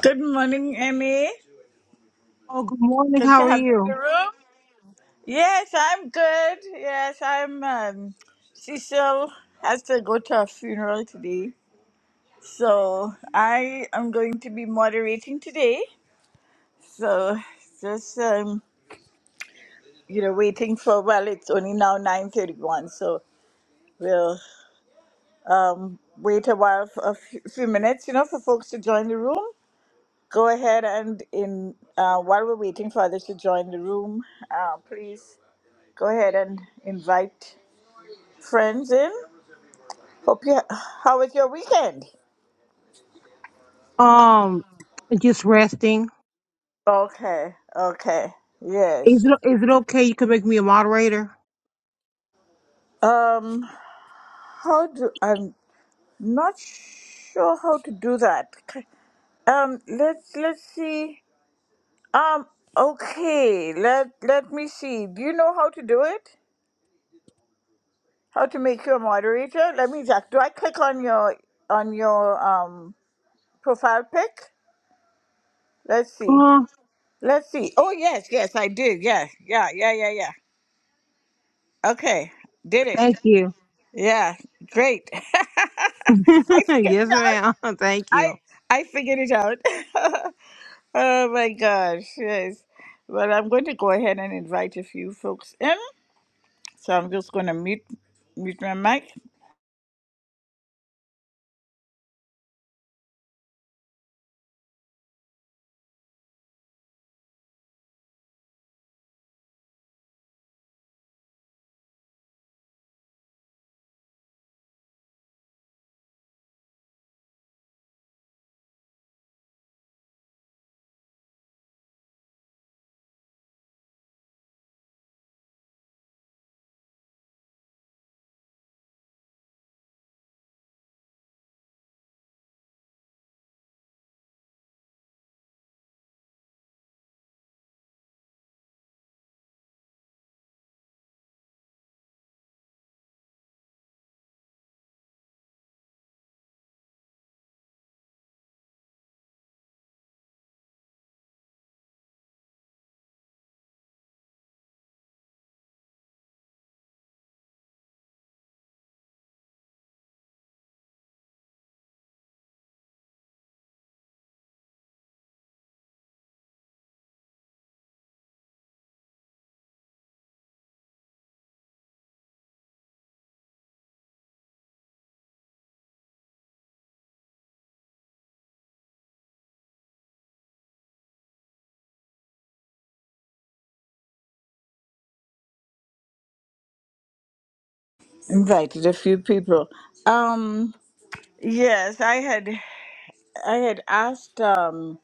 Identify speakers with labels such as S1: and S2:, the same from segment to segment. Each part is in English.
S1: Good morning, Emmy.
S2: Oh, good morning.
S1: Good
S2: How
S1: to
S2: are
S1: have you in the
S2: you?
S1: room. Yes, I'm good. Yes, I'm. Um, Cecil has to go to a funeral today, so I am going to be moderating today. So just um, you know, waiting for. Well, it's only now nine thirty-one, so we'll um, wait a while for a few few minutes, you know, for folks to join the room. Go ahead and in uh, while we're waiting for others to join the room, uh, please. Go ahead and invite friends in. Hope you. How was your weekend?
S2: Um, just resting.
S1: Okay. Okay.
S2: Is
S1: Yes.
S2: it is it okay? You can make me a moderator.
S1: Um. How do I'm not sure how to do that. K- Um. Let's let's see. Um. Okay. Let Let me see. Do you know how to do it? How to make you a moderator? Let me check. Do I click on your on your um profile pic? Let's see.
S2: Oh,
S1: Let's see. Oh yes, yes, I did. Yeah, yeah, yeah, yeah, yeah. Okay, did it.
S2: thank you.
S1: Yeah, great. I figured
S2: yes,
S1: it out.
S2: ma'am. Thank
S1: I
S2: you.
S1: I figured it out. oh my gosh, yes. Well, I'm going to go ahead and invite a few folks in. So I'm just going to mute mute my mic. Invited a few people. Um, yes, I had I had asked um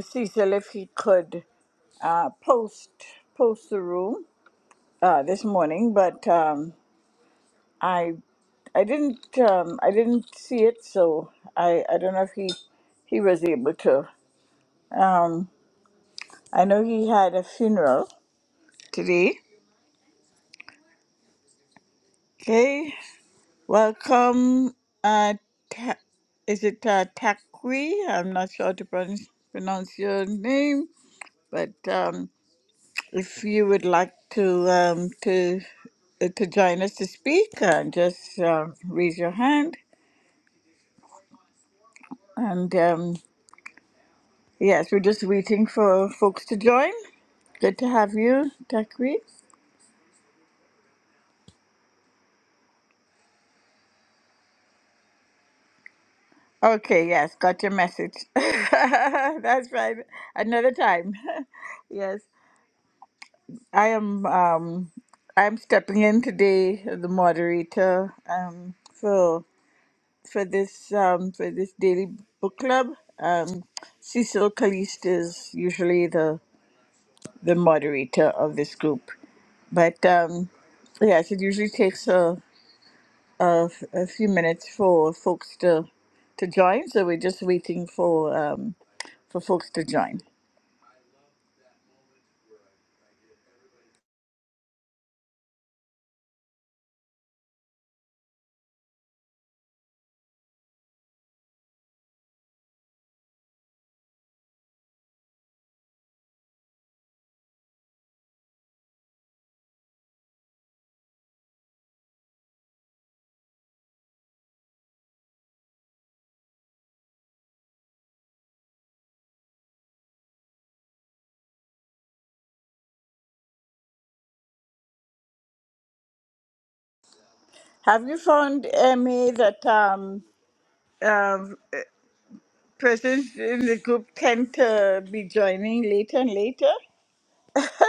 S1: Cecil if he could uh post post the room uh this morning, but um. I. I didn't um, I didn't see it, so I, I don't know if he he was able to. Um, I know he had a funeral today. Okay, welcome. Uh, ta- is it uh, Takwi? I'm not sure how to pronounce pronounce your name, but um, if you would like to um, to uh, to join us to speak, uh, just um raise your hand. And um, yes, we're just waiting for folks to join. Good to have you, Takri. Okay, yes, got your message. That's right. Another time. yes, I am. Um, I'm stepping in today, as the moderator, um, for for this um, for this daily book club. Um, Cecil Caliste is usually the the moderator of this group, but um, yes, it usually takes her. uh, f- a few minutes for folks to to join. So we're just waiting for um, for folks to join. Have you found Emmy that um, uh, persons in the group tend to be joining later and later?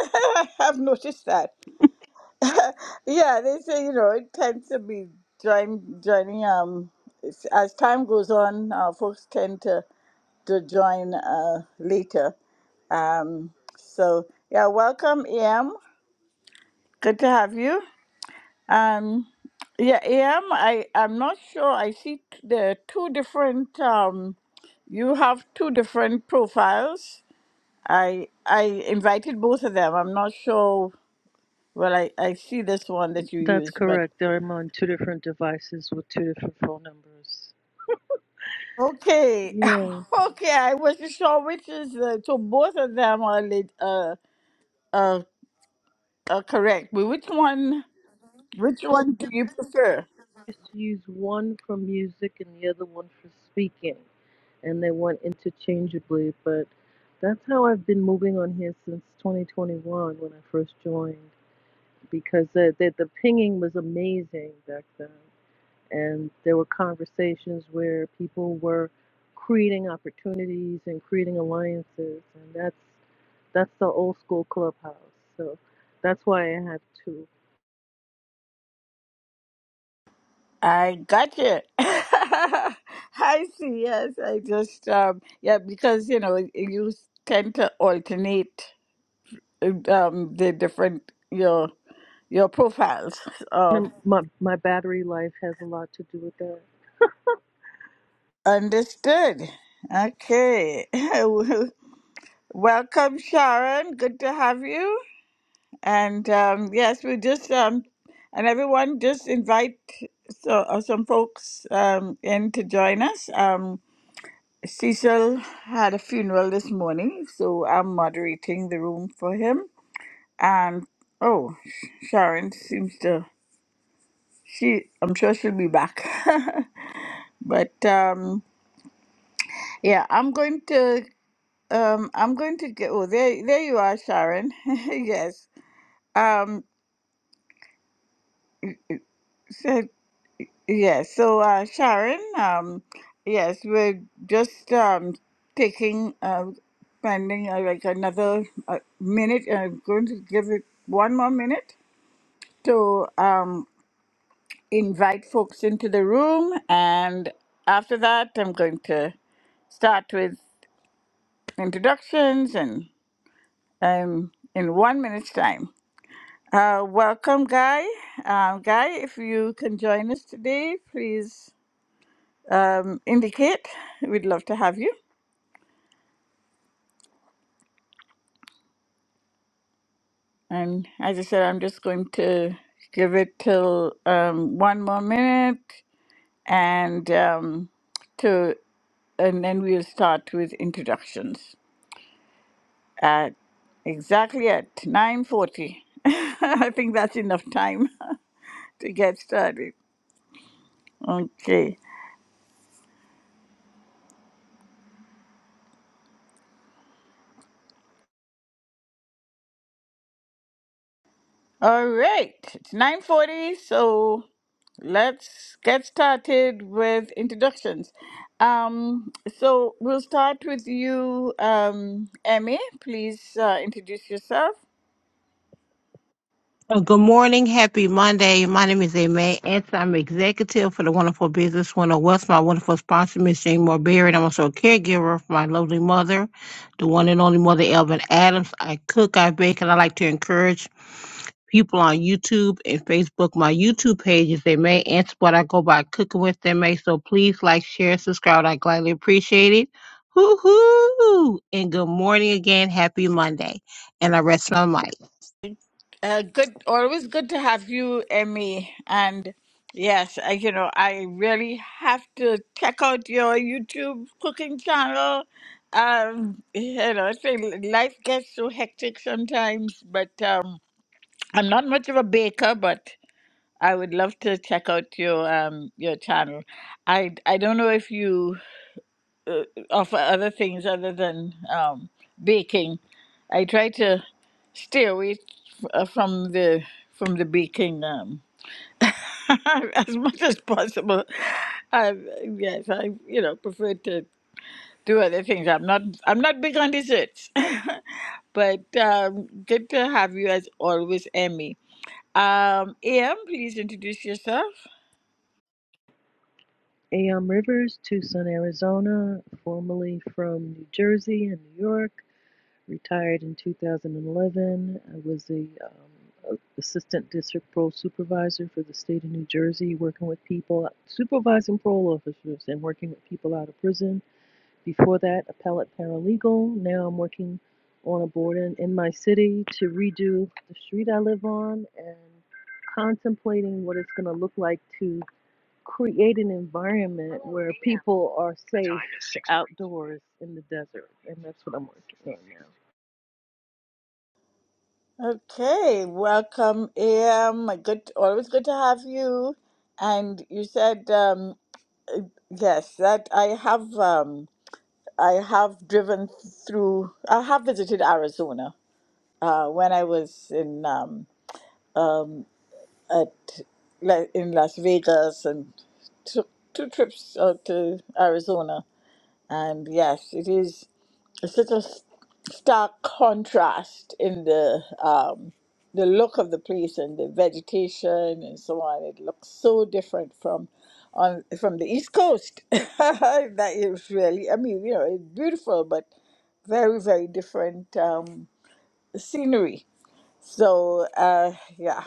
S1: I've noticed that. Yeah, they say you know it tends to be join joining. Um, it's- as time goes on, uh, folks tend to to join uh, later. Um, so yeah, welcome, Em. Good to have you. Um, yeah, am I I'm not sure. I see t- the two different um you have two different profiles. I I invited both of them. I'm not sure well I, I see this one that you
S3: That's
S1: used, but
S3: correct. I'm on two different devices with two different phone numbers.
S1: okay.
S3: Yeah.
S1: okay, I wasn't sure which is uh, so both of them are lit- uh, uh, uh correct. But which one which one do you prefer?
S3: I used to use one for music and the other one for speaking, and they went interchangeably, but that's how I've been moving on here since 2021 when I first joined because the, the, the pinging was amazing back then. And there were conversations where people were creating opportunities and creating alliances, and that's That's the old school clubhouse. So that's why I have two.
S1: I gotcha. I see. Yes, I just um yeah because you know you tend to alternate uh, um the different your your profiles.
S3: And
S1: Um,
S3: my my battery life has a lot to do with that.
S1: understood. Okay. Welcome, Sharon. Good to have you. And um, yes, we just um and everyone just invite so, uh, some folks um in to join us. um. Cecil had a funeral this morning, so I'm moderating the room for him. And oh, Sh- Sharon seems to she I'm sure she'll be back. but um yeah, I'm going to um I'm going to get oh there there you are, Sharon. yes. Um so Yes, so uh, Sharon, um, yes, we're just um, taking, uh, spending uh, like another uh, minute. I'm going to give it one more minute to um, invite folks into the room. And after that, I'm going to start with introductions and um, in one minute's time. Uh, welcome, Guy. Um, Guy, if you can join us today, please um, indicate. We'd love to have you. And as I said, I'm just going to give it till um, one more minute, and um, to and then we'll start with introductions at exactly at 9:40. I think that's enough time to get started. Okay. All right. It's 9:40, so Let's get started with introductions. Um, so we'll start with you, um, Emmy. Please uh, introduce yourself.
S2: Uh, good morning. Happy Monday. My name is Aimee Ants. I'm executive for the Wonderful Business One of West. My wonderful sponsor, Miss Jane Moore Berry. And I'm also a caregiver for my lovely mother, the one and only mother, Elvin Adams. I cook, I bake, and I like to encourage people on YouTube and Facebook. My YouTube page is they may answer what I go by cooking with they may. So please like, share, subscribe. I gladly appreciate it. Hoo hoo! And good morning again. Happy Monday. And I rest my mic.
S1: Uh, good, always good to have you, Emmy. And yes, I, you know, I really have to check out your YouTube cooking channel. Um, you know, it's really- life gets so hectic sometimes, but um, I'm not much of a baker, but I would love to check out your um your channel. I I don't know if you uh, offer other things other than um baking. I try to stay away f- uh, from the from the baking um as much as possible. I, yes, I you know prefer to do other things. I'm not I'm not big on desserts, but um, good to have you as always, Emmy. Um, Am, please introduce yourself.
S3: AM Rivers, Tucson, Arizona, formerly from New Jersey and New York, retired in 2011. I was the um, a- assistant district parole supervisor for the state of New Jersey, working with people, supervising parole officers and working with people out of prison. Before that, appellate paralegal. Now I'm working on a board in, in my city to redo the street I live on and contemplating what it's going to look like to create an environment where people are safe outdoors in the desert. And that's what I'm working on now.
S1: Okay, welcome, AM. Good, always good to have you. And you said um, yes, that I have um, I have driven through. I have visited Arizona uh, when I was in um, um, at La- in Las Vegas and took two trips out to Arizona. And yes, it is. it's such a s- stark contrast in the um, the look of the place and the vegetation and so on. It looks so different from on from the East Coast. that is really, I mean, you know, it's beautiful, but very very different um, scenery. So uh, yeah,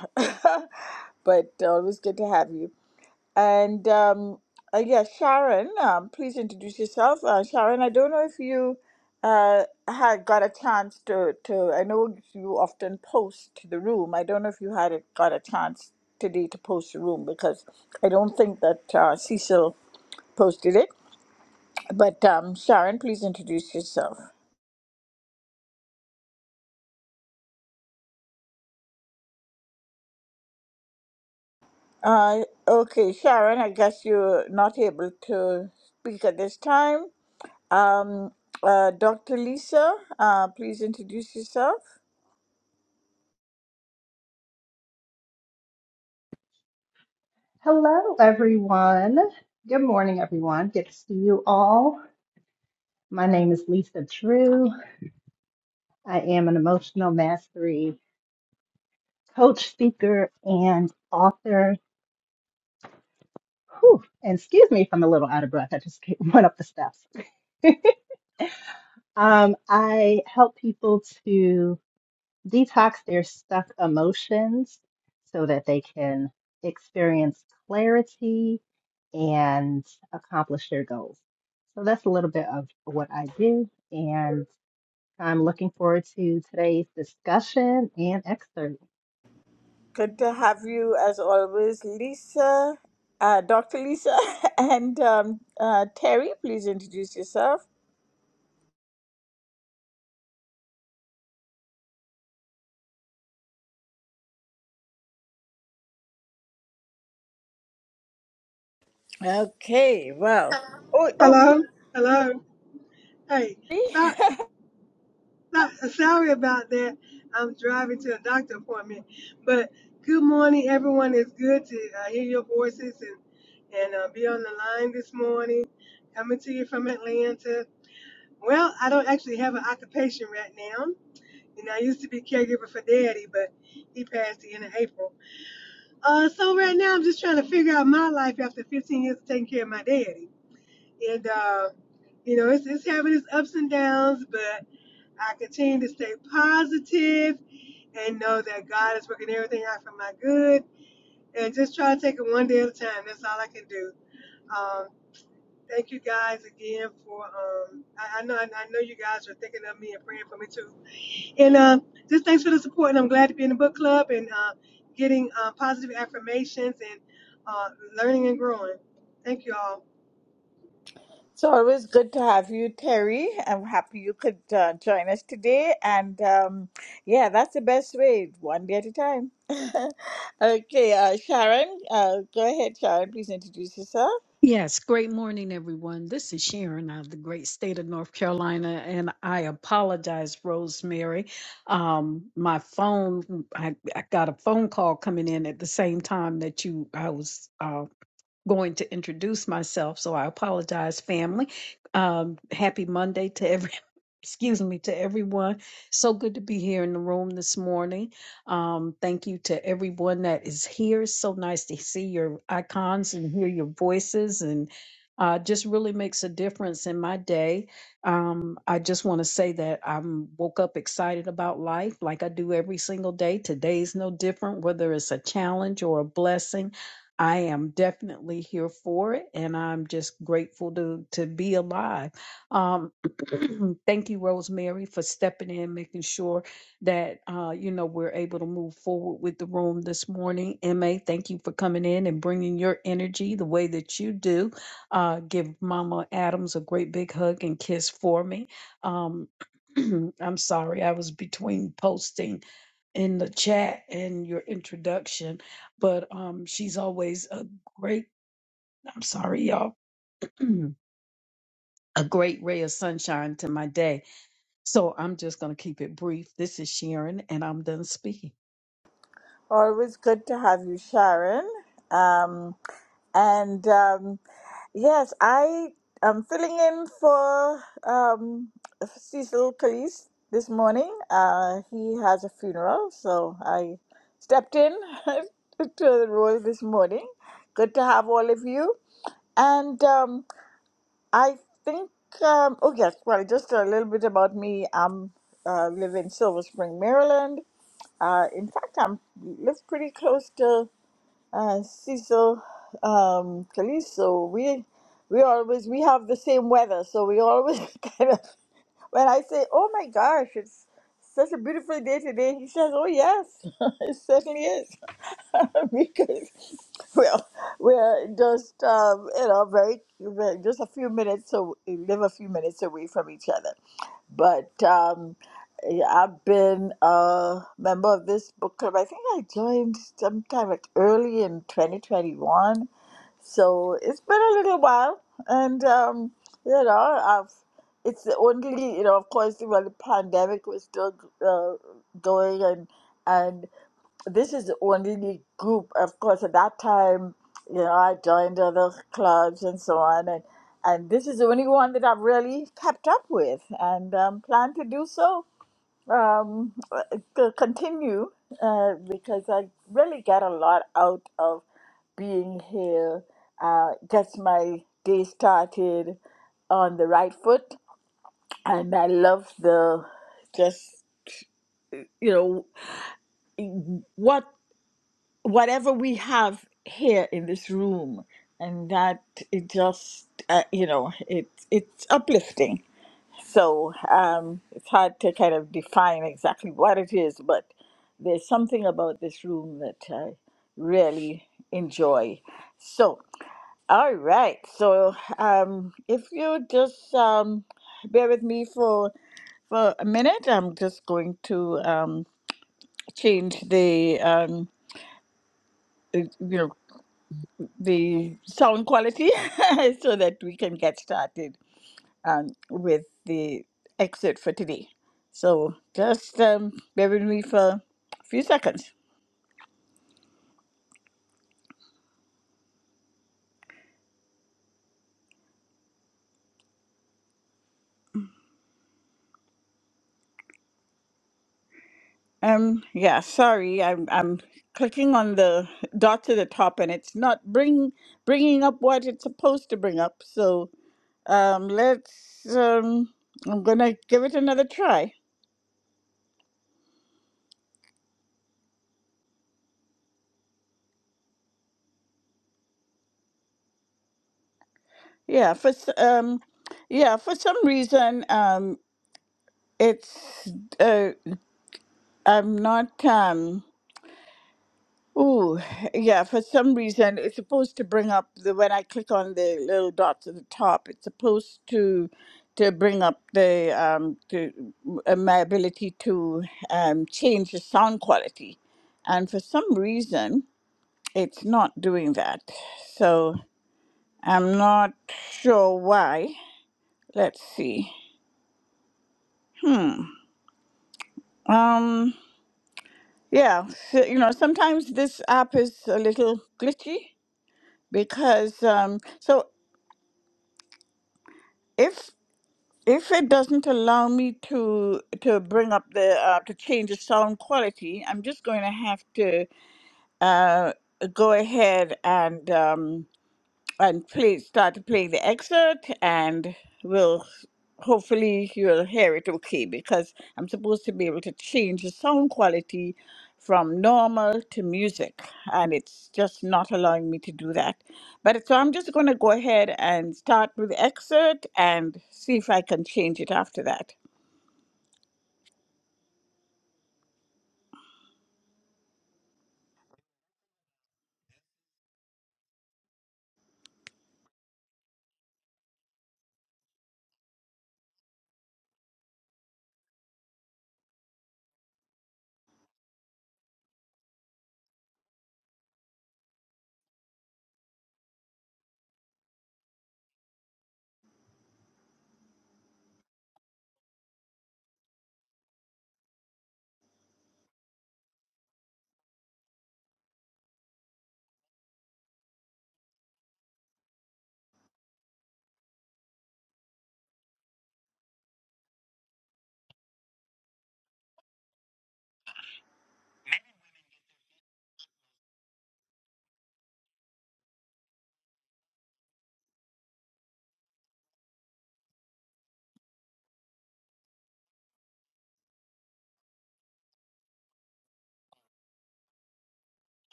S1: but always good to have you. And um, uh, yeah, Sharon, um, please introduce yourself. Uh, Sharon, I don't know if you uh, had got a chance to, to, I know you often post to the room. I don't know if you had it, got a chance today to post the room because I don't think that uh, Cecil posted it. But um, Sharon, please introduce yourself. Uh, okay, Sharon, I guess you're not able to speak at this time. Um, uh, Dr. Lisa, uh, please introduce yourself.
S4: Hello, everyone. Good morning, everyone. Good to see you all. My name is Lisa Drew. I am an emotional mastery coach, speaker, and author. Whew, and excuse me if I'm a little out of breath. I just went up the steps. Um, I help people to detox their stuck emotions so that they can experience clarity and accomplish their goals. So that's a little bit of what I do, and I'm looking forward to today's discussion and excerpt.
S1: Good to have you as always, Lisa, uh, Dr. Lisa, and um, uh, Terry. Please introduce yourself. Okay, well, Oh, oh.
S5: Hello, hello. Hey,
S1: Terry.
S5: sorry, sorry about that. I'm driving to a doctor appointment, but good morning, everyone. It's good to uh, hear your voices and and uh, be on the line this morning. Coming to you from Atlanta. Well, I don't actually have an occupation right now. You know, I used to be caregiver for Daddy, but he passed the end of April. Uh, so right now I'm just trying to figure out my life after 15 years of taking care of my daddy, and uh, you know, it's it's having its ups and downs, but I continue to stay positive and know that God is working everything out for my good and just try to take it one day at a time. That's all I can do. Um, thank you guys again for, um, I, I know I, I know you guys are thinking of me and praying for me too. And uh, just thanks for the support. And I'm glad to be in the book club and uh, getting uh, positive affirmations and uh, learning and growing. Thank you all.
S1: It's always good to have you, Terry. I'm happy you could uh, join us today. And um, yeah, that's the best way, one day at a time. okay, uh, Sharon, uh, go ahead, Sharon. Please introduce yourself.
S6: Yes, great morning, everyone. This is Sharon out of the great state of North Carolina, and I apologize, Rosemary. Um, my phone, I, I got a phone call coming in at the same time that you, I was. uh, going to introduce myself, so I apologize, family. Um, happy Monday to every, excuse me, to everyone. So good to be here in the room this morning. Um, thank you to everyone that is here. so nice to see your icons and hear your voices and uh, just really makes a difference in my day. Um, I just want to say that I'm woke up excited about life like I do every single day. Today's no different, whether it's a challenge or a blessing. I am definitely here for it, and I'm just grateful to to be alive. Um, thank you, Rosemary, for stepping in, making sure that uh, you know we're able to move forward with the room this morning. Ma, thank you for coming in and bringing your energy the way that you do. Uh, give Mama Adams a great big hug and kiss for me. Um, I'm sorry, I was between posting in the chat and your introduction but um, she's always a great, I'm sorry, y'all, a great ray of sunshine to my day. So I'm just going to keep it brief. This is Sharon, and I'm done speaking.
S1: Always good to have you, Sharon. Um, and um, Yes, I am filling in for um, Cecil Calise this morning. Uh, he has a funeral, so I stepped in to the role this morning. Good to have all of you. And um, I think, um, oh, yes, well, just a little bit about me. I am uh, live in Silver Spring, Maryland. Uh, in fact, I am live pretty close to. Uh, Cecil, um, Calisto, we we always we have the same weather, so we always kind of when I say, "Oh my gosh, it's such a beautiful day today," he says, "Oh yes, it certainly is," because well, we're just um, you know very, very just a few minutes so live a few minutes away from each other but um, eh, I've been a member of this book club. I think I joined sometime like early in 2021, so it's been a little while, and um, you know, I've it's the only you know, of course, while the pandemic was still uh, going and this is the only group, of course, at that time, you know, I joined other clubs and so on, and, and this is the only one that I've really kept up with and um, plan to do so, um, to continue, uh, because I really get a lot out of being here, uh, gets my day started on the right foot, and I love the just, you know, what whatever we have here in this room and that it just uh, you know it it's uplifting so um it's hard to kind of define exactly what it is but there's something about this room that i really enjoy so all right so um if you just um bear with me for for a minute i'm just going to um change the um you know the sound quality so that we can get started um, with the excerpt for today. So just um, bear with me for a few seconds. Um, yeah, sorry, I'm I'm clicking on the dots at the top and it's not bring bringing up what it's supposed to bring up. So um, let's um, I'm gonna give it another try. Yeah, for s- um, yeah, for some reason um, it's uh. I'm not. Um, ooh, yeah. For some reason, it's supposed to bring up the when I click on the little dots at the top. It's supposed to to bring up the um, to uh, my ability to um, change the sound quality, and for some reason, it's not doing that. So I'm not sure why. Let's see. Hmm. Um. Yeah. So, you know, sometimes this app is a little glitchy because um, so if if it doesn't allow me to to bring up the uh, to change the sound quality, I'm just going to have to uh, go ahead and. um, and play start to play the excerpt and we'll hopefully you'll hear it okay because I'm supposed to be able to change the sound quality from normal to music and it's just not allowing me to do that. But so I'm just going to go ahead and start with the excerpt and see if I can change it after that.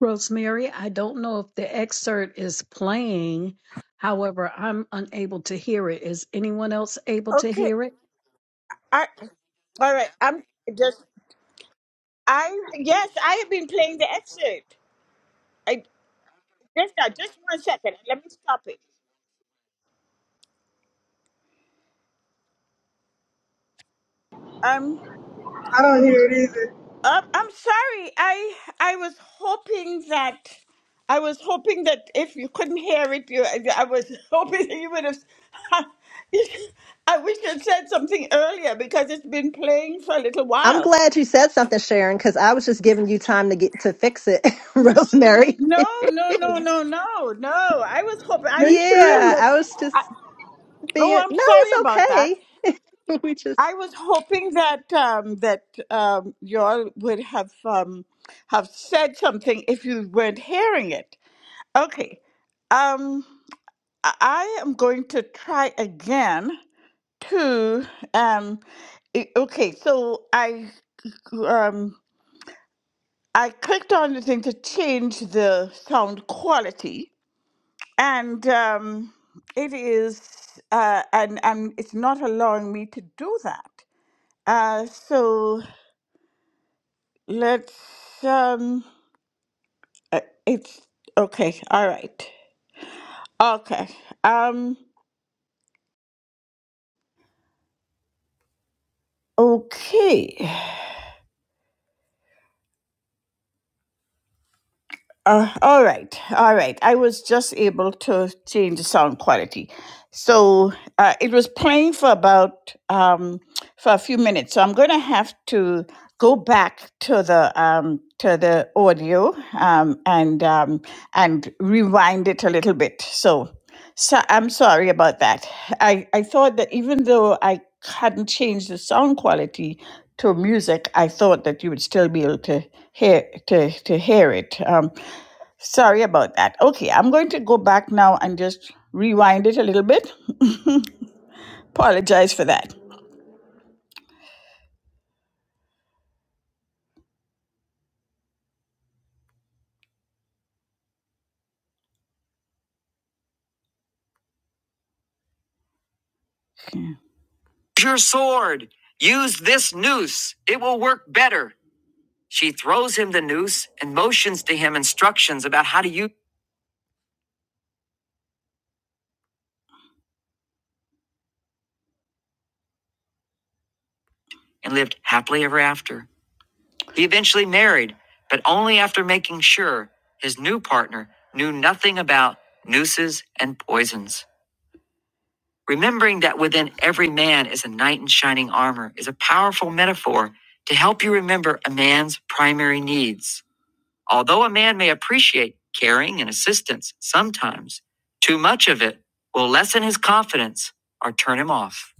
S6: Rosemary, I don't know if the excerpt is playing. However, I'm unable to hear it. Is anyone else able to
S1: Okay.
S6: hear it?
S1: I, all right. I'm just I yes, I have been playing the excerpt. I just now, just one second. Let me stop it. Um
S5: I don't hear it either.
S1: Um, I'm sorry. I I was hoping that I was hoping that if you couldn't hear it, you I was hoping that you would have. I wish you'd said something earlier because it's been playing for a little
S4: I'm
S1: while.
S4: glad you said something, Sharon, because I was just giving you time to get to fix it, Rosemary.
S1: No, no, no, no, no, no. I was hoping. I
S5: Me
S1: figured
S4: Yeah,
S5: too.
S1: that.
S4: I was just
S1: I, oh,
S4: being
S1: I'm
S4: no,
S1: sorry
S4: it's
S1: about that.
S4: okay. Just
S1: I was hoping that um, that um, y'all would have um, have said something if you weren't hearing it. Okay. Um, I I am going to try again to um. i- Okay, so I um I clicked on the thing to change the sound quality, and um, it is uh and and it's not allowing me to do that. Uh, so let's um. uh, It's okay. All right. Okay. Um. Okay. Uh, all right, all right. I was just able to change the sound quality, so uh, it was playing for about um, for a few minutes. So I'm going to have to go back to the um, to the audio um, and um, and rewind it a little bit. So, so I'm sorry about that. I I thought that even though I hadn't changed the sound quality to music, I thought that you would still be able to hear to to hear it. Um, Sorry about that. Okay, I'm going to go back now and just rewind it a little bit. Apologize for that. Okay. Your sword. Use this noose. It will work better. She throws him the noose and motions to him instructions about how to use and lived happily ever after. He eventually married, but only after making sure his new partner knew nothing about nooses and poisons. Remembering that within every man is a knight in shining armor is a powerful metaphor to help you remember a man's primary needs. Although a man may appreciate caring and assistance sometimes, too much of it will lessen his confidence or turn him off.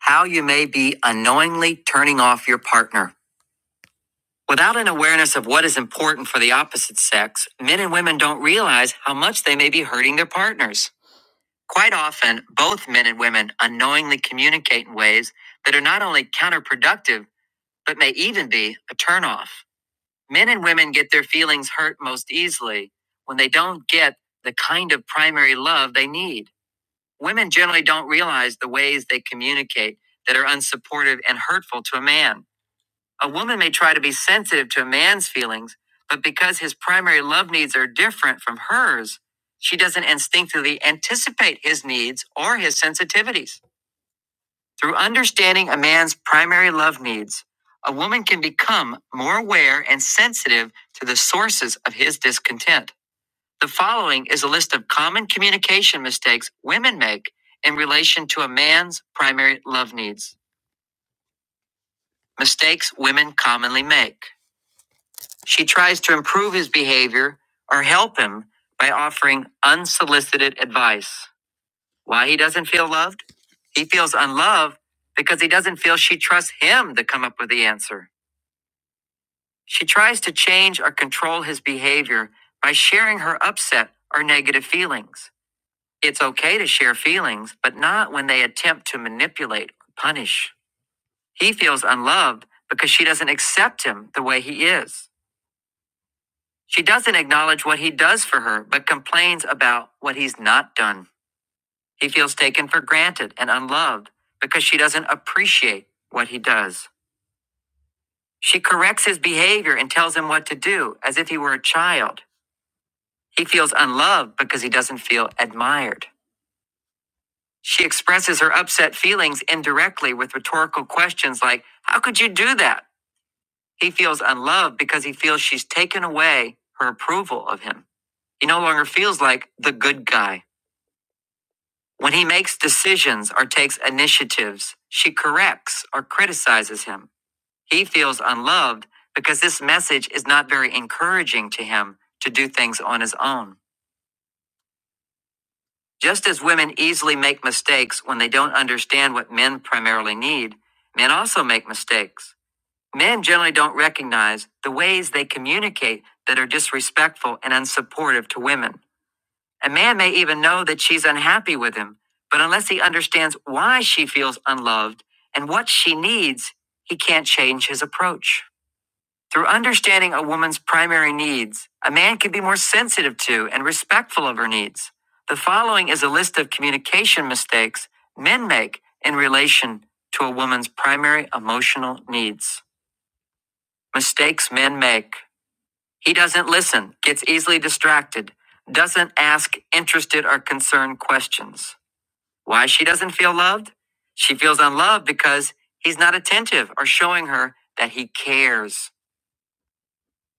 S1: How you may be unknowingly turning off your partner. Without an awareness of what is important for the opposite sex, men and women don't realize how much they may be hurting their partners. Quite often, both men and women unknowingly communicate in ways that are not only counterproductive, but may even be a turnoff. Men and women get their feelings hurt most easily when they don't get the kind of primary love they need. Women generally don't realize the ways they communicate that are unsupportive and hurtful to a man. A woman may try to be sensitive to a man's feelings, but because his primary love needs are different from hers, she doesn't instinctively anticipate his needs or his sensitivities. Through understanding a man's primary love needs, a woman can become more aware and sensitive to the sources of his discontent. The following is a list of common communication mistakes women make in relation to a man's primary love needs. Mistakes women commonly make. She tries to improve his behavior or help him by offering unsolicited advice. Why he doesn't feel loved? He feels unloved because he doesn't feel she trusts him to come up with the answer. She tries to change or control his behavior by sharing her upset or negative feelings. It's okay to share feelings, but not when they attempt to manipulate or punish. He feels unloved because she doesn't accept him the way he is. She doesn't acknowledge what he does for her, but complains about what he's not done. He feels taken for granted and unloved because she doesn't appreciate what he does. She corrects his behavior and tells him what to do as if he were a child. He feels unloved because he doesn't feel admired. She expresses her upset feelings indirectly with rhetorical questions like, How could you do that? He feels unloved because he feels she's taken away her approval of him. He no longer feels like the good guy. When he makes decisions or takes initiatives, she corrects or criticizes him. He feels unloved because this message is not very encouraging to him to do things on his own. Just as women easily make mistakes when they don't understand what men primarily need, men also make mistakes. Men generally don't recognize the ways they communicate that are disrespectful and unsupportive to women. A man may even know that she's unhappy with him, but unless he understands why she feels unloved and what she needs, he can't change his approach. Through understanding a woman's primary needs, a man can be more sensitive to and respectful of her needs. The following is a list of communication mistakes men make in relation to a woman's primary emotional needs. Mistakes men make. He doesn't listen, gets easily distracted, doesn't ask interested or concerned questions. Why she doesn't feel loved? She feels unloved because he's not attentive or showing her that he cares.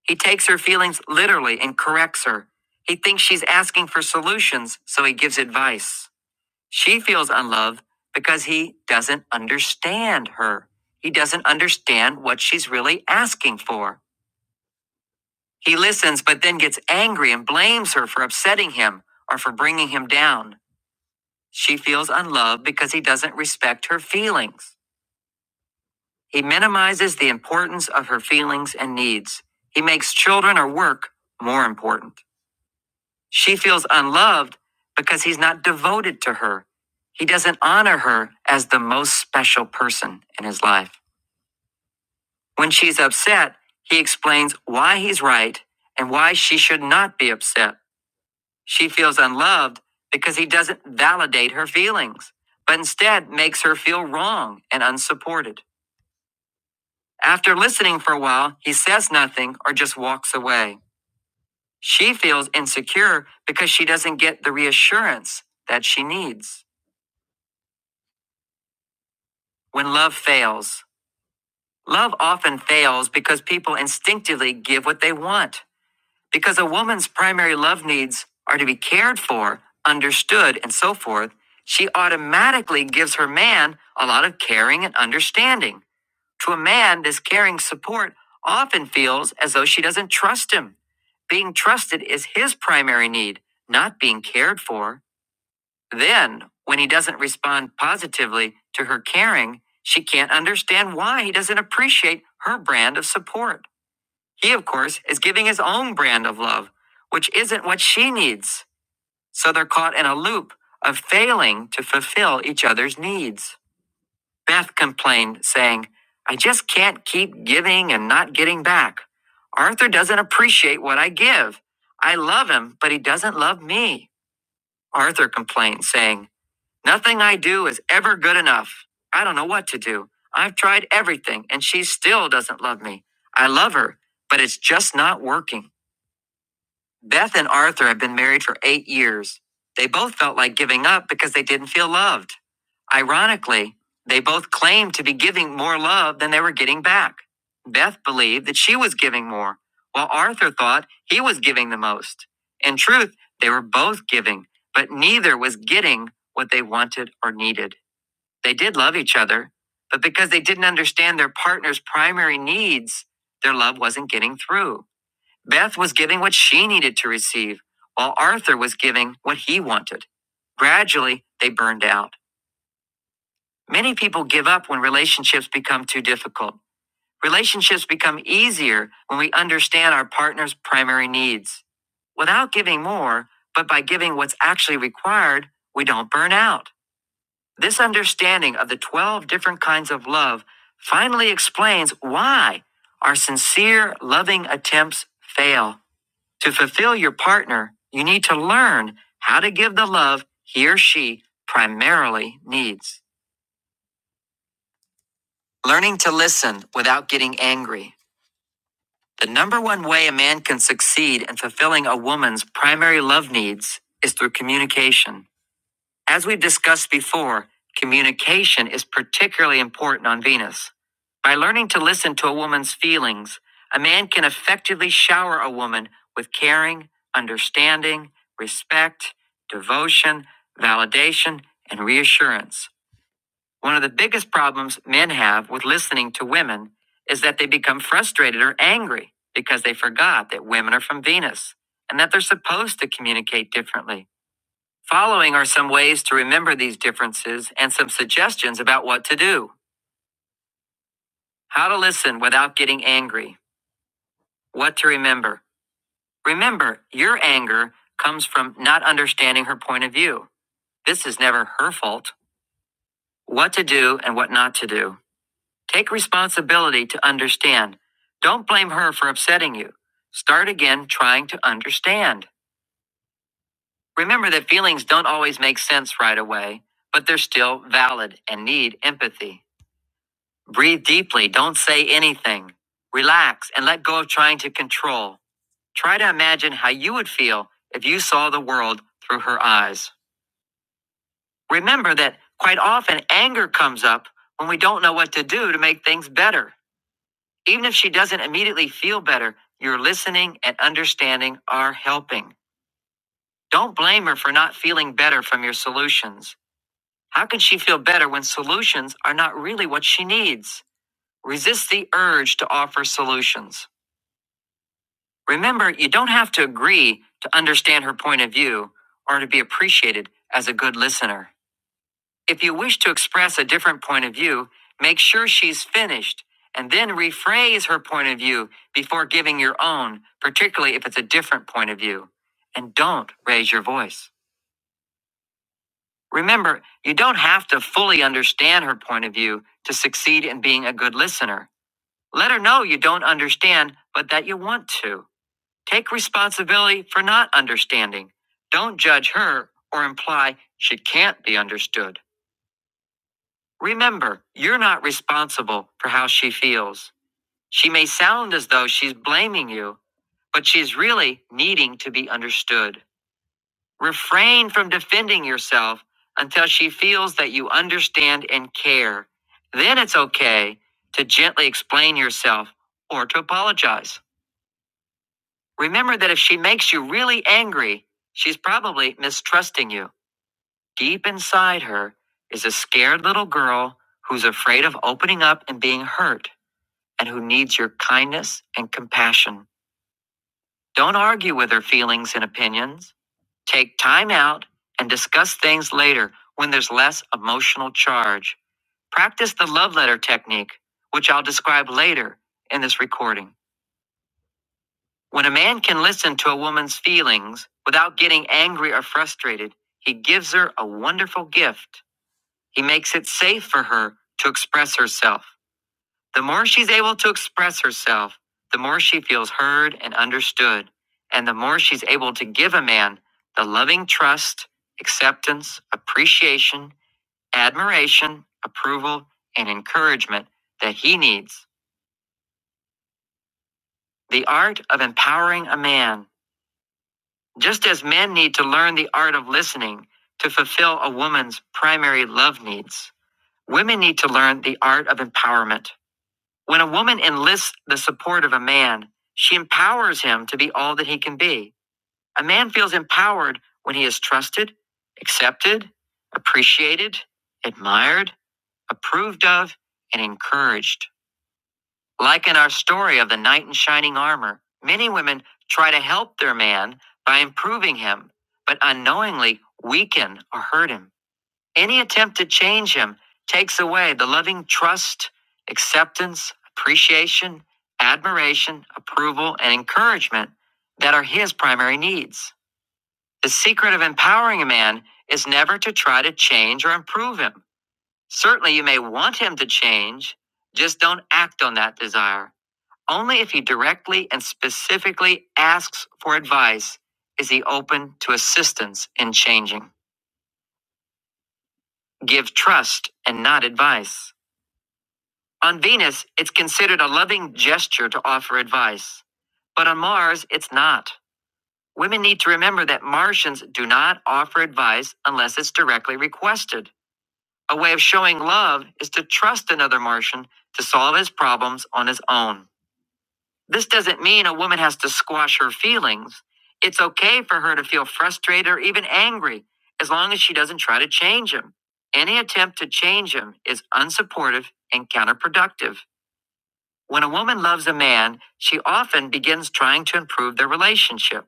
S1: He takes her feelings literally and corrects her. He thinks she's asking for solutions, so he gives advice. She feels unloved because he doesn't understand her. He doesn't understand what she's really asking for. He listens, but then gets angry and blames her for upsetting him or for bringing him down. She feels unloved because he doesn't respect her feelings. He minimizes the importance of her feelings and needs. He makes children or work more important. She feels unloved because he's not devoted to her. He doesn't honor her as the most special person in his life. When she's upset, he explains why he's right and why she should not be upset. She feels unloved because he doesn't validate her feelings, but instead makes her feel wrong and unsupported. After listening for a while, he says nothing or just walks away. She feels insecure because she doesn't get the reassurance that she needs. When love fails, love often fails because people instinctively give what they want. Because a woman's primary love needs are to be cared for, understood, and so forth, she automatically gives her man a lot of caring and understanding. To a man, this caring support often feels as though she doesn't trust him. Being trusted is his primary need, not being cared for. Then, when he doesn't respond positively to her caring, she can't understand why he doesn't appreciate her brand of support. He, of course, is giving his own brand of love, which isn't what she needs. So they're caught in a loop of failing to fulfill each other's needs. Beth complained, saying, I just can't keep giving and not getting back. Arthur doesn't appreciate what I give. I love him, but he doesn't love me. Arthur complained, saying, Nothing I do is ever good enough. I don't know what to do. I've tried everything, and she still doesn't love me. I love her, but it's just not working. Beth and Arthur have been married for eight years. They both felt like giving up because they didn't feel loved. Ironically, they both claimed to be giving more love than they were getting back. Beth believed that she was giving more, while Arthur thought he was giving the most. In truth, they were both giving, but neither was getting what they wanted or needed. They did love each other, but because they didn't understand their partner's primary needs, their love wasn't getting through. Beth was giving what she needed to receive, while Arthur was giving what he wanted. Gradually, they burned out. Many people give up when relationships become too difficult. Relationships become easier when we understand our partner's primary needs. Without giving more, but by giving what's actually required, we don't burn out. This understanding of the 12 different kinds of love finally explains why our sincere, loving attempts fail. To fulfill your partner, you need to learn how to give the love he or she primarily needs. Learning to listen without getting angry. The number one way a man can succeed in fulfilling a woman's primary love needs is through communication. As we've discussed before, communication is particularly important on Venus. By learning to listen to a woman's feelings, a man can effectively shower a woman with caring, understanding, respect, devotion, validation, and reassurance. One of the biggest problems men have with listening to women is that they become frustrated or angry because they forgot that women are from Venus and that they're supposed to communicate differently. Following are some ways to remember these differences and some suggestions about what to do. How to listen without getting angry. What to remember. Remember, your anger comes from not understanding her point of view. This is never her fault. What to do and what not to do. Take responsibility to understand. Don't blame her for upsetting you. Start again trying to understand. Remember that feelings don't always make sense right away, but they're still valid and need empathy. Breathe deeply, don't say anything. Relax and let go of trying to control. Try to imagine how you would feel if you saw the world through her eyes. Remember that quite often anger comes up when we don't know what to do to make things better. Even if she doesn't immediately feel better, your listening and understanding are helping. Don't blame her for not feeling better from your solutions. How can she feel better when solutions are not really what she needs? Resist the urge to offer solutions. Remember, you don't have to agree to understand her point of view or to be appreciated as a good listener. If you wish to express a different point of view, make sure she's finished and then rephrase her point of view before giving your own, particularly if it's a different point of view. And don't raise your voice. Remember, you don't have to fully understand her point of view to succeed in being a good listener. Let her know you don't understand, but that you want to. Take responsibility for not understanding. Don't judge her or imply she can't be understood. Remember, you're not responsible for how she feels. She may sound as though she's blaming you, but she's really needing to be understood. Refrain from defending yourself until she feels that you understand and care. Then it's okay to gently explain yourself or to apologize. Remember that if she makes you really angry, she's probably mistrusting you. Deep inside her is a scared little girl who's afraid of opening up and being hurt and who needs your kindness and compassion. Don't argue with her feelings and opinions. Take time out and discuss things later when there's less emotional charge. Practice the love letter technique, which I'll describe later in this recording. When a man can listen to a woman's feelings without getting angry or frustrated, he gives her a wonderful gift. He makes it safe for her to express herself. The more she's able to express herself, the more she feels heard and understood, and the more she's able to give a man the loving trust, acceptance, appreciation, admiration, approval, and encouragement that he needs. The art of empowering a man Just as men need to learn the art of listening to fulfill a woman's primary love needs, women need to learn the art of empowerment. When a woman enlists the support of a man, she empowers him to be all that he can be. A man feels empowered when he is trusted, accepted, appreciated, admired, approved of, and encouraged. Like in our story of the knight in shining armor, many women try to help their man by improving him, but unknowingly weaken or hurt him. Any attempt to change him takes away the loving trust, acceptance, appreciation, admiration, approval, and encouragement that are his primary needs. The secret of empowering a man is never to try to change or improve him. Certainly, you may want him to change, just don't act on that desire. Only if he directly and specifically asks for advice is he open to assistance in changing. Give trust and not advice. On Venus, it's considered a loving gesture to offer advice, but on Mars, it's not. Women need to remember that Martians do not offer advice unless it's directly requested. A way of showing love is to trust another Martian to solve his problems on his own. This doesn't mean a woman has to squash her feelings. It's okay for her to feel frustrated or even angry as long as she doesn't try to change him. Any attempt to change him is unsupportive and counterproductive. When a woman loves a man, she often begins trying to improve their relationship.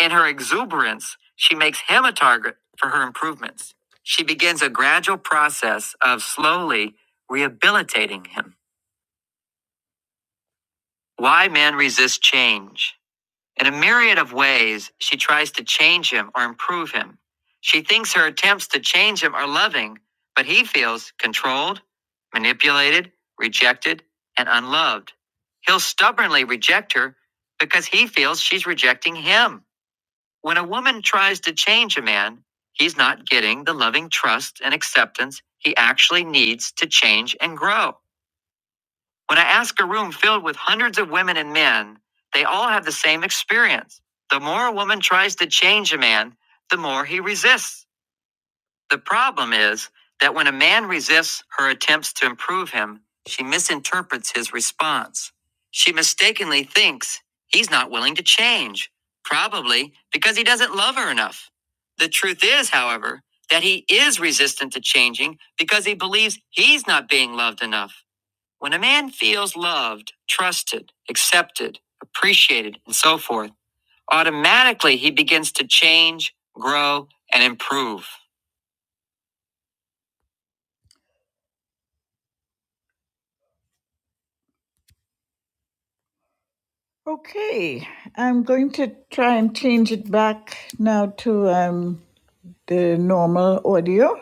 S1: In her exuberance, she makes him a target for her improvements. She begins a gradual process of slowly rehabilitating him. Why men resist change. In a myriad of ways, she tries to change him or improve him. She thinks her attempts to change him are loving, but he feels controlled, manipulated, rejected, and unloved. He'll stubbornly reject her because he feels she's rejecting him. When a woman tries to change a man, he's not getting the loving trust and acceptance he actually needs to change and grow. When I ask a room filled with hundreds of women and men, they all have the same experience. The more a woman tries to change a man, the more he resists. The problem is that when a man resists her attempts to improve him, she misinterprets his response. She mistakenly thinks he's not willing to change, probably because he doesn't love her enough. The truth is, however, that he is resistant to changing because he believes he's not being loved enough. When a man feels loved, trusted, accepted, appreciated, and so forth, automatically he begins to change, grow, and improve. Okay, I'm going to try and change it back now to um, the normal audio.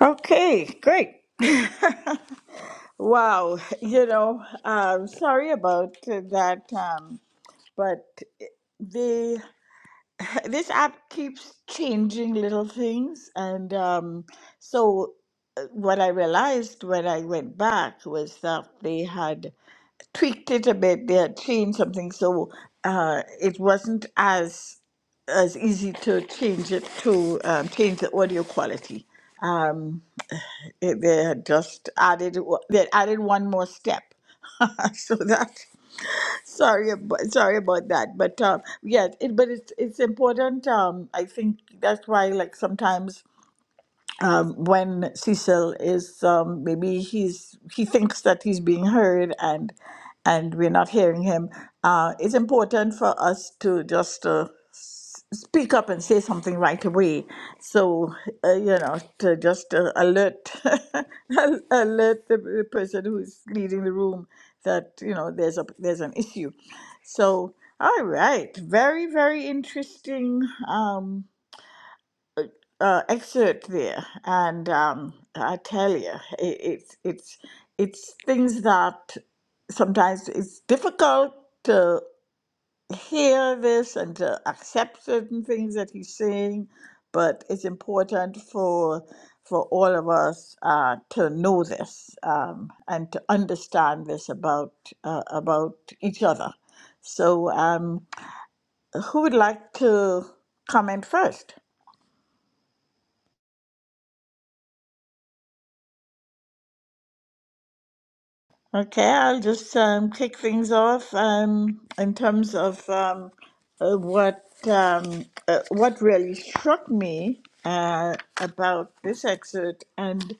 S1: Okay, great. wow, you know, um, sorry about that, um, but. the this app keeps changing little things and um, so uh, what i realized when i went back was that they had tweaked it a bit they had changed something so uh, it wasn't as as easy to change it to um, change the audio quality um, it, they had just added o- they had added one more step so that sorry about, sorry about that but um yes it, but it's it's important um i think that's why like sometimes um, when Cecil is um, maybe he's he thinks that he's being heard and and we're not hearing him. Uh, it's important for us to just uh, s- speak up and say something right away. So uh, you know to just uh, alert al- alert the, the person who's leading the room that you know there's a there's an issue. So all right, very very interesting. Um, uh, excerpt there, and um, I tell you, it, it's it's it's things that sometimes it's difficult to hear this and to accept certain things that he's saying, but it's important for for all of us uh, to know this um, and to understand this about uh, about each other. So, um, who would like to comment first? Okay, I'll just um, kick things off um, in terms of um, uh, what um, uh, what really struck me uh, about this excerpt, and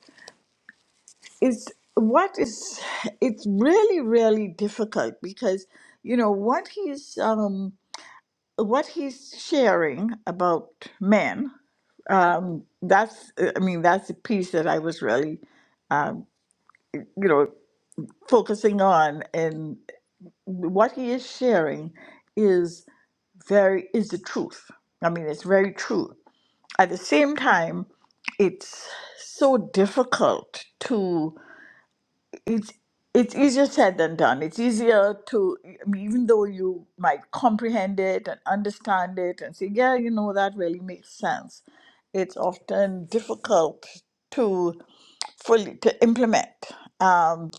S1: is what is it's really really difficult because you know what he's um, what he's sharing about men. Um, that's I mean that's the piece that I was really um, you know focusing on what he is sharing is very is the truth. I mean, it's very true. At the same time, it's so difficult to it's it's easier said than done. It's easier to I mean, even though you might comprehend it and understand it and say, yeah, you know that really makes sense. It's often difficult to fully to implement. Um,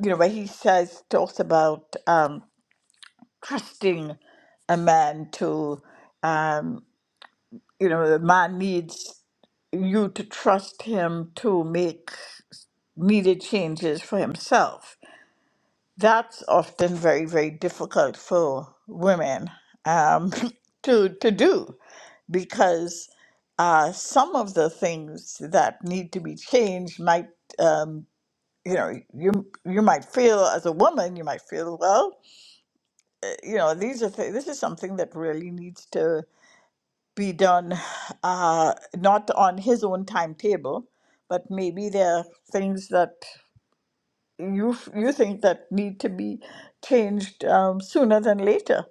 S1: you know, where he says talks about. um, trusting a man to, um, you know, the man needs you to trust him to make needed changes for himself. That's often very, very difficult for women um, to, to do because uh, some of the things that need to be changed might, um, you know, you, you might feel as a woman, you might feel, well, you know these are th- this is something that really needs to be done uh, not on his own timetable but maybe there are things that you f- you think that need to be changed um, sooner than later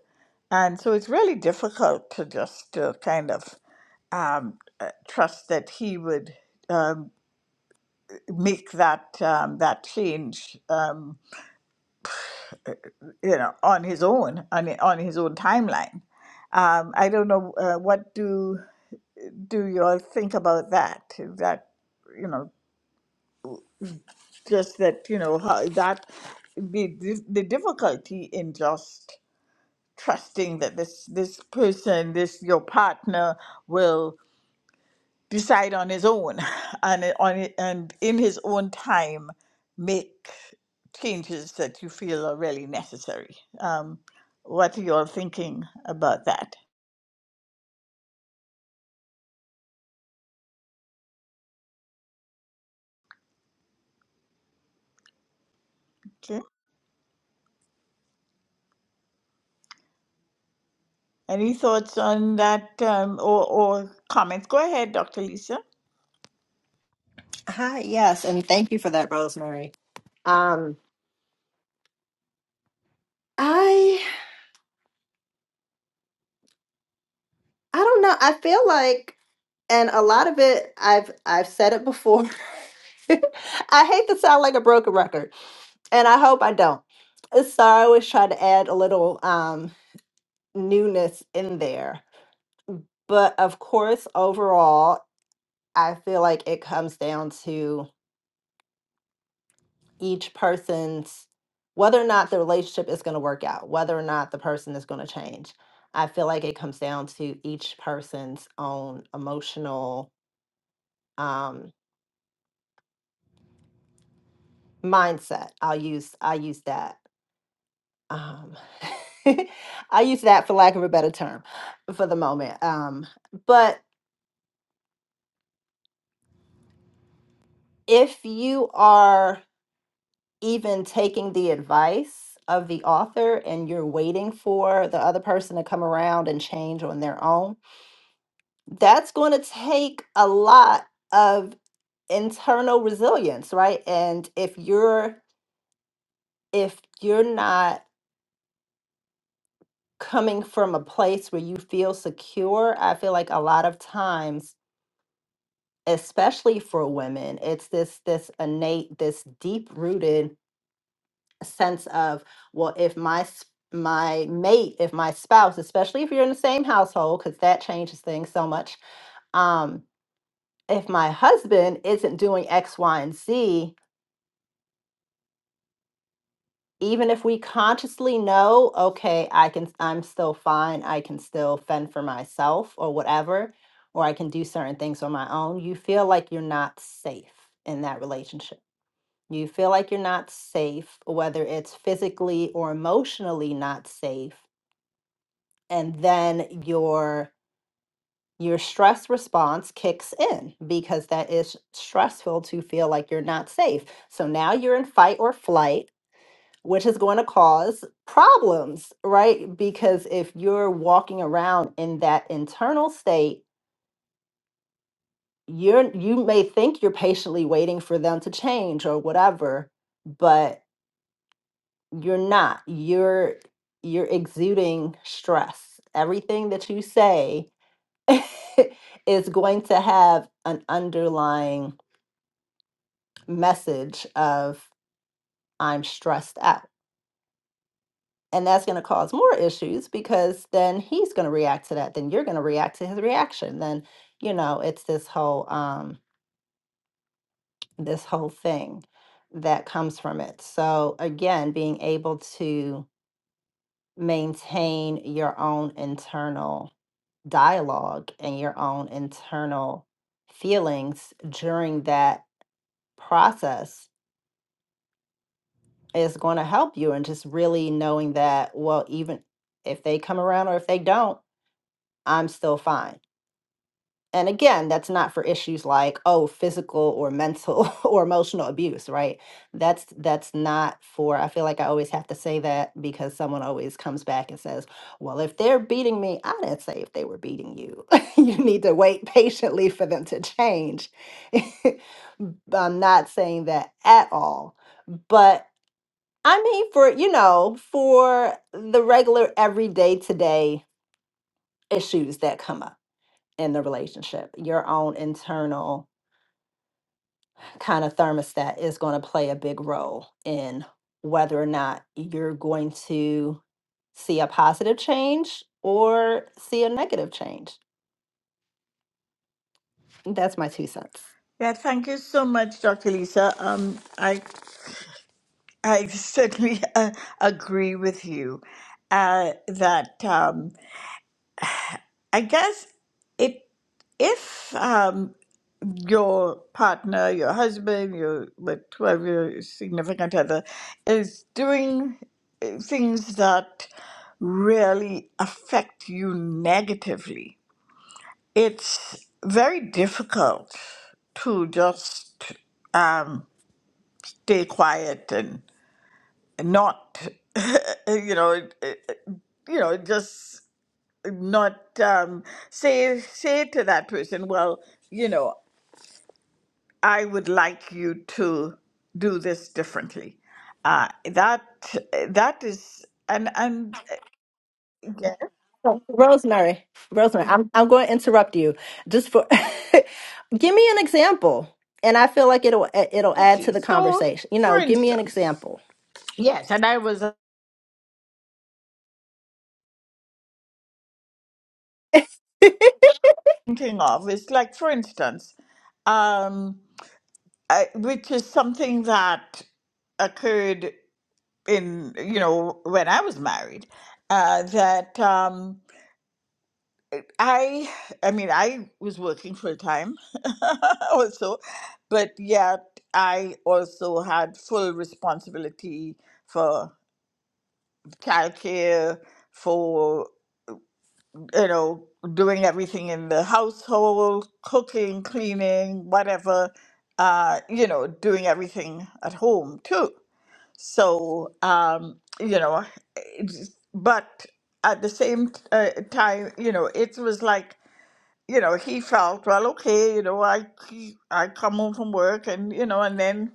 S1: and so it's really difficult to just uh, kind of um, uh, trust that he would um, make that um, that change Um, uh, you know, on his own, on on his own timeline. Um, I don't know uh, what do do you all think about that? That you know, just that you know how that the the the difficulty in just trusting that this this person, this your partner, will decide on his own and it- on it- and in his own time make changes that you feel are really necessary. Um, what are you all thinking about that? Okay. Any thoughts on that um, or, or comments? Go ahead, Dr. Lisa.
S4: Hi, yes, and thank you for that, Rosemary. Um, I don't know. I feel like, and a lot of it, I've I've said it before. I hate to sound like a broken record, and I hope I don't. Uh, So I always try to add a little um, newness in there. But of course, overall, I feel like it comes down to each person's whether or not the relationship is going to work out, whether or not the person is going to change. I feel like it comes down to each person's own emotional um mindset i'll use i Um, I use that term for the moment. Um, but if you are even taking the advice of the author and you're waiting for the other person to come around and change on their own, that's going to take a lot of internal resilience, right? And if you're if you're not coming from a place where you feel secure, I feel like a lot of times especially for women it's this this innate this deep rooted sense of well if my s- my mate if my spouse especially if you're in the same household because that changes things so much um if my husband isn't doing x y and z even if we consciously know okay i can i'm still fine i can still fend for myself or whatever or i can do certain things on my own you feel like you're not safe in that relationship you feel like you're not safe, whether it's physically or emotionally not safe, and then your your stress response kicks in because that is stressful to feel like you're not safe. So now you're in fight or flight, which is going to cause problems, right? Because if you're walking around in that internal state, you're you may think you're patiently waiting for them to change or whatever, but you're not you're you're exuding stress everything that you say is going to have an underlying message of i'm stressed out and that's going to cause more issues because then he's going to react to that then you're going to react to his reaction then you know it's this whole um this whole thing that comes from it so again being able to maintain your own internal dialogue and your own internal feelings during that process is going to help you and just really knowing that well even if they come around or if they don't i'm still fine And again, that's not for issues like, oh, physical or mental or emotional abuse, right? That's that's not for I feel like I always have to say that because someone always comes back and says, "Well, if they're beating me, I didn't say if they were beating you. you need to wait patiently for them to change." I'm not saying that at all. But I mean for, you know, for the regular everyday today issues that come up in the relationship. Your own internal kind of thermostat is going to play a big role in whether or not you're going to see a positive change or see a negative change. That's my two cents.
S1: Yeah, thank you so much, Dr. Lisa. Um, I I certainly uh, agree with you uh, that um, I guess it if um, your partner, your husband, your what- whoever your significant other is doing uh, things that really affect you negatively. It's very difficult to just um, stay quiet and not, you know, it- it- you know, just not um, say say to that person, well, you know. I would like you to do this differently. Uh, that that is and and uh, yes.
S4: Oh, Rosemary, Rosemary, I'm I'm going to interrupt you just for give me an example, and I feel like it'll it'll add
S1: okay.
S4: to the
S1: So,
S4: conversation. You
S1: for
S4: know, give me an
S1: instance,
S4: example.
S1: yes, and I was thinking of is like for instance, um, I, which is something that occurred in you know when I was married, uh, that. Um, I I mean I was working full time also, but yet I also had full responsibility for childcare, for you know doing everything in the household, cooking, cleaning, whatever, uh, you know, doing everything at home too. So um, you know, it's- but at the same uh, time, you know, it was like you know, he felt, well, okay, you know, I he- I come home from work and you know, and then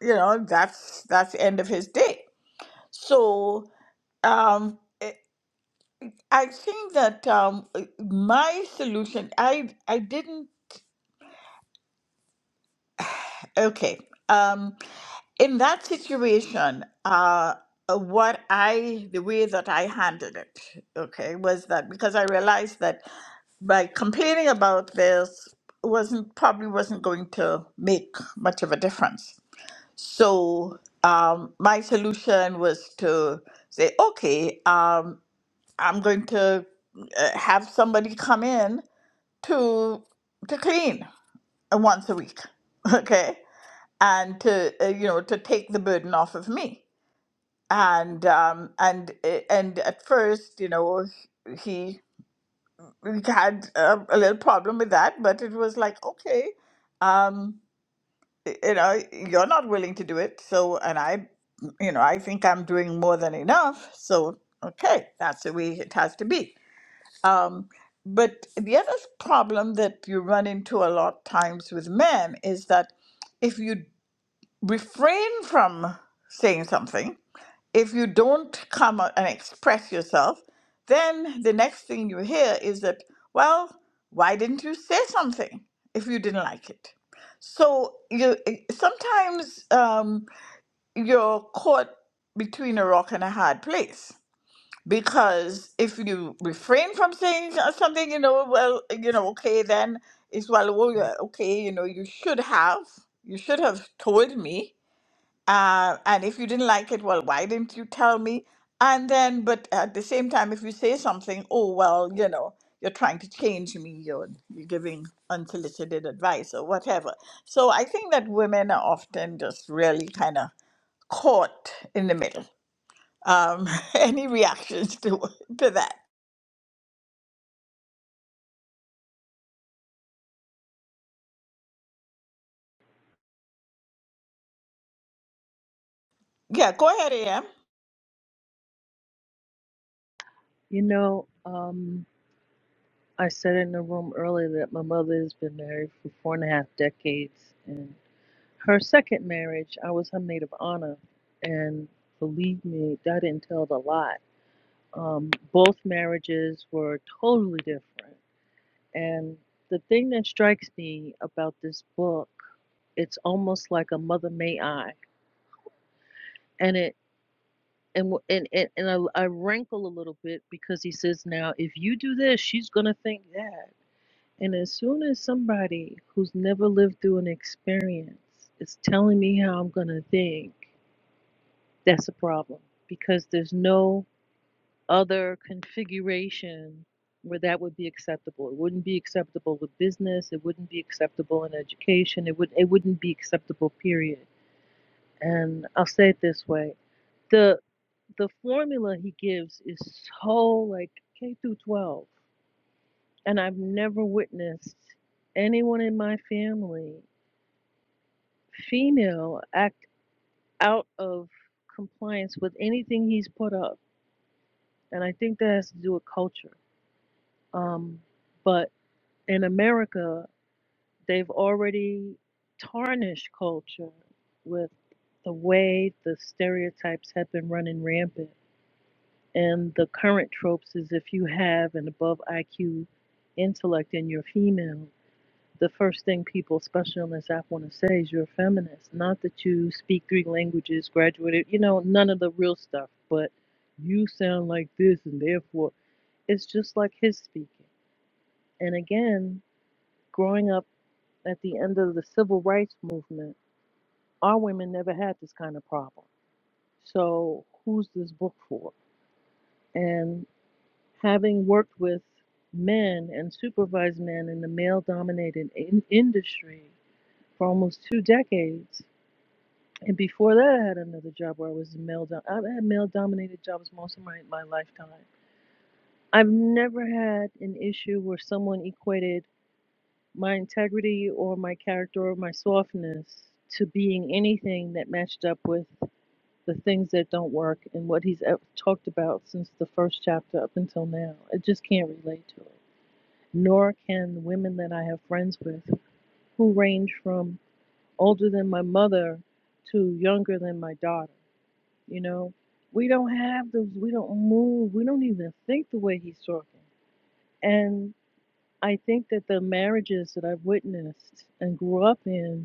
S1: you know, that's that's the end of his day. So um, it, I think that um, eh, my solution, I I didn't Okay. Um, in that situation, uh, uh, what I, the way that I handled it, okay, was that because I realized that by complaining about this wasn't probably wasn't going to make much of a difference. So um, my solution was to say, okay, um, I'm going to uh, have somebody come in to to clean uh, once a week, okay, and to uh, you know to take the burden off of me and um and uh, and at first you know he he had a, a little problem with that but it was like okay um y- you know you're not willing to do it so and i you know i think i'm doing more than enough so okay that's the way it has to be um but the other problem that you run into a lot times with men is that if you refrain from saying something, if you don't come out and express yourself, then the next thing you hear is that, well, why didn't you say something if you didn't like it? So you eh, sometimes um, you're caught between a rock and a hard place because if you refrain from saying something, you know, well, you know, okay, then it's well, oh, yeah, okay, you know, you should have, you should have told me uh, and if you didn't like it, well, why didn't you tell me? And then, but at the same time, if you say something, oh, well, you know, you're trying to change me, you're, you're giving unsolicited advice or whatever. So I think that women are often just really kind of caught in the middle. Um, any reactions to, to that? Yeah, go ahead, AM.
S3: You know, um, I said in the room earlier that my mother has been married for four and a half decades, and Her second marriage, I was her maid of honor, and believe me, that entailed a lot. Um, both marriages were totally different, and the thing that strikes me about this book, it's almost like a Mother May I, and it and and and, and I, I wrinkle a little bit because he says now if you do this, she's gonna think that, and as soon as somebody who's never lived through an experience is telling me how I'm gonna think. That's a problem because there's no other configuration where that would be acceptable. It wouldn't be acceptable with business. It wouldn't be acceptable in education. It would it wouldn't be acceptable. Period. And I'll say it this way: the the formula he gives is so like K through 12, and I've never witnessed anyone in my family, female, act out of compliance with anything he's put up. And I think that has to do with culture Um, but in America, they've already tarnished culture with the way the stereotypes have been running rampant. And the current tropes is if you have an above IQ intellect and you're female, the first thing people, especially on this app, want to say is you're a feminist. Not that you speak three languages, graduated, you know, none of the real stuff, but you sound like this and therefore it's just like his speaking. And again, growing up at the end of the civil rights movement, our women never had this kind of problem. So, who's this book for? And having worked with men and supervised men in the male dominated in- industry for almost two decades, and before that, I had another job where I was male. Do- I've had male dominated jobs most of my, my lifetime. I've never had an issue where someone equated my integrity or my character or my softness to being anything that matched up with the things that don't work and what he's ev- talked about since the first chapter up until now. I just can't relate to it. Nor can women that I have friends with who range from older than my mother to younger than my daughter. You know, we don't have those, we don't move, we don't even think the way he's talking. And I think that the marriages that I've witnessed and grew up in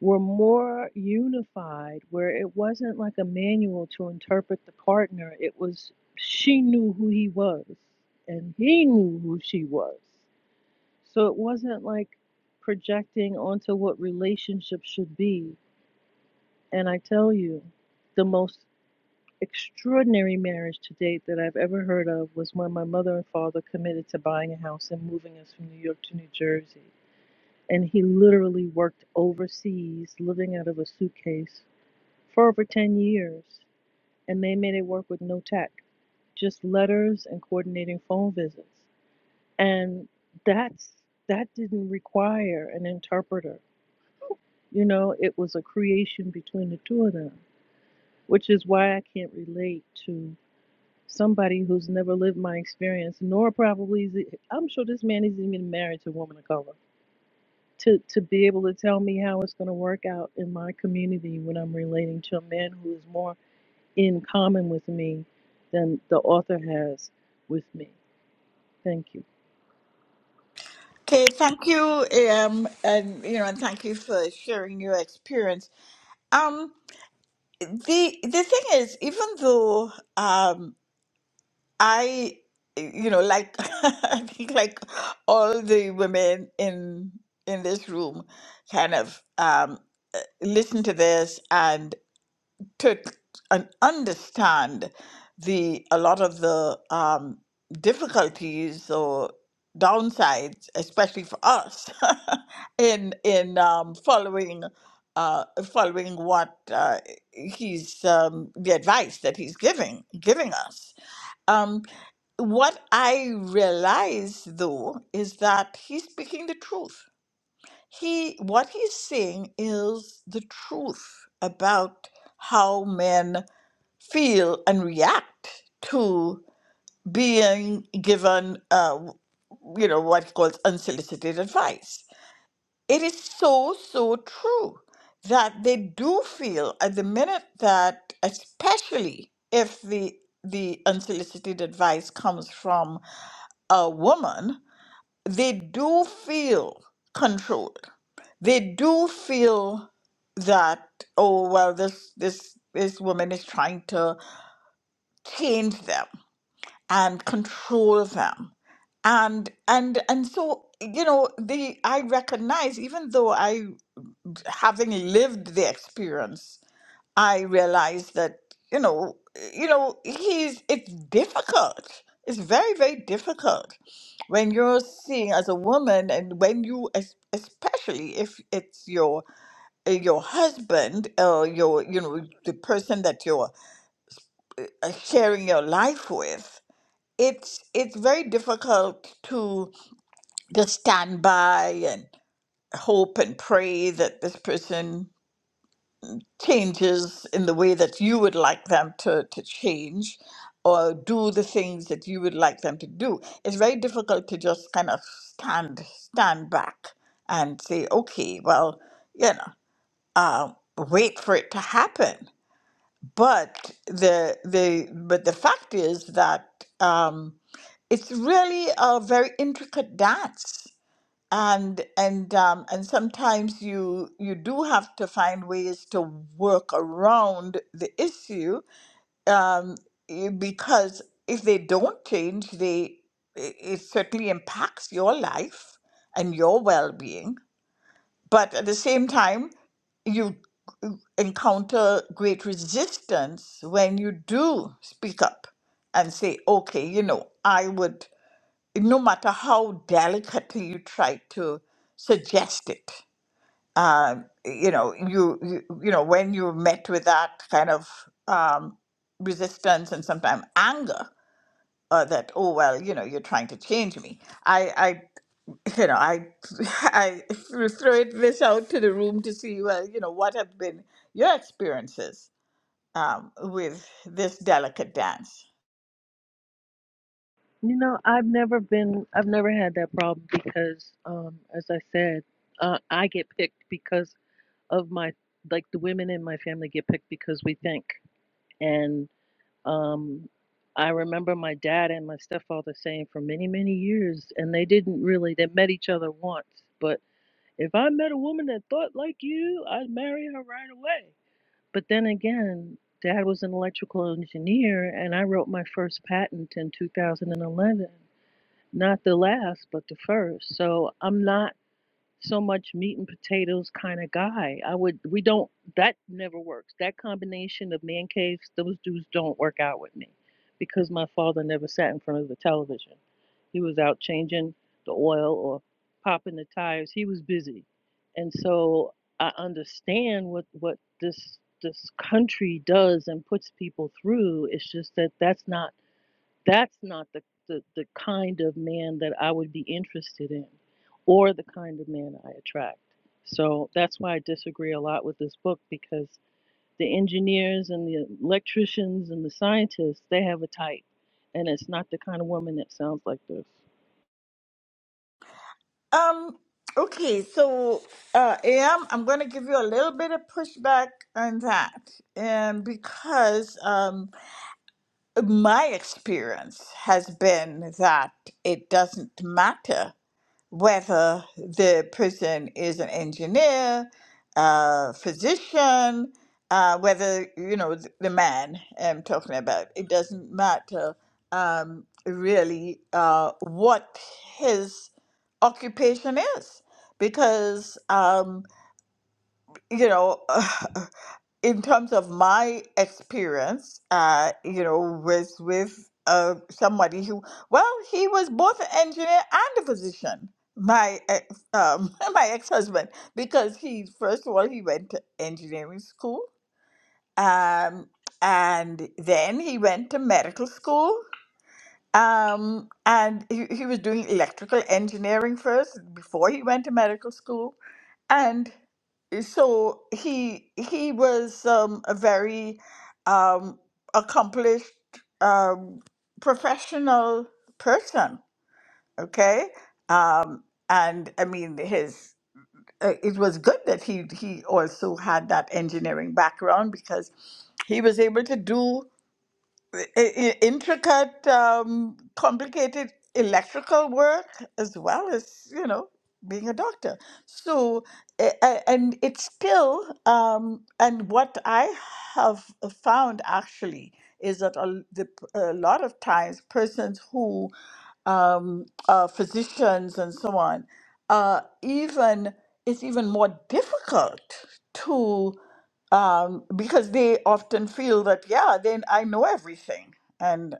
S3: were more unified, where it wasn't like a manual to interpret the partner. It was she knew who he was and he knew who she was. So it wasn't like projecting onto what relationships should be. And I tell you, the most extraordinary marriage to date that I've ever heard of was when my mother and father committed to buying a house and moving us from New York to New Jersey. And he literally worked overseas, living out of a suitcase for over 10 years, and they made it work with no tech, just letters and coordinating phone visits. And that's that didn't require an interpreter. You know, it was a creation between the two of them, which is why I can't relate to somebody who's never lived my experience, nor probably is it, I'm sure this man isn't even married to a woman of color. To, to be able to tell me how it's going to work out in my community when I'm relating to a man who is more in common with me than the author has with me. Thank you.
S1: Okay, thank you, AM, and you know, and thank you for sharing your experience. Um, The the thing is, even though um, I, you know, like I think like all the women in in this room, kind of um, listen to this to and understand the a lot of the um, difficulties or downsides, especially for us, in in um, following uh, following what uh, he's um, the advice that he's giving giving us. Um, what I realize though is that he's speaking the truth he what he's saying is the truth about how men feel and react to being given uh, you know what he calls unsolicited advice it is so so true that they do feel at the minute that especially if the the unsolicited advice comes from a woman they do feel controlled they do feel that oh well this this this woman is trying to change them and control them and and and so you know the i recognize even though i having lived the experience i realize that you know you know he's it's difficult it's very very difficult when you're seeing as a woman and when you es- especially if it's your uh, your husband or your you know the person that you're uh, uh, sharing your life with it's it's very difficult to just stand by and hope and pray that this person changes in the way that you would like them to, to change or do the things that you would like them to do it's very difficult to just kind of stand stand back and say okay well you know uh, wait for it to happen but the the but the fact is that um, it's really a very intricate dance and and um, and sometimes you you do have to find ways to work around the issue um, eh, because if they don't change they it it certainly impacts your life and your well-being but at the same time you encounter great resistance when you do speak up and say okay you know i would no matter how delicately you try to suggest it um, you know you, you you know when you're met with that kind of um, resistance and sometimes anger uh, that oh well you know you're trying to change me I I you know, I I throw this out to the room to see well, you know, what have been your experiences um, with this delicate dance.
S3: You know, I've never been, I've never had that problem because, um, as I said, uh, I get picked because of my, like the women in my family get picked because we think. And um, I remember my dad and my stepfather saying for many, many years, and they didn't really, they met each other once, but if I met a woman that thought like you, I'd marry her right away. But then again, dad was an electrical engineer, and I wrote my first patent in 2011. Not the last, but the first. So I'm not so much meat and potatoes kind of guy. I would, we don't, that never works. That combination of man caves, those dudes don't work out with me because my father never sat in front of the television. He was out changing the oil or popping the tires. He was busy. And so I understand what, what this this country does and puts people through. It's just that that's not that's not the, the, the kind of man that I would be interested in or the kind of man I attract. So that's why I disagree a lot with this book because the engineers and the electricians and the scientists, they have a type. And it's not the kind of woman that sounds like this.
S1: Um, okay, so uh, AM, I'm going to give you a little bit of pushback on that. And because um, my experience has been that it doesn't matter whether the person is an engineer, a physician, uh, whether, you know, th- the man I'm talking about. It doesn't matter um, really uh, what his occupation is because, um, you know, in terms of my experience, uh, you know, with with uh, somebody who, well, he was both an engineer and a physician. My ex, um, my ex husband, because he first of all he went to engineering school, um, and then he went to medical school, um, and he, he was doing electrical engineering first before he went to medical school. And eh, so he he was um, a very um, accomplished um, professional person, okay? Um, and I mean his uh, it was good that he he also had that engineering background because he was able to do i- i- intricate, um, complicated electrical work as well as, you know, being a doctor. So, a- a- and it's still, um, and what I have found actually is that a, the, a lot of times persons who um, uh, physicians and so on, uh, even it's even more difficult um, because they often feel that, yeah, then I know everything and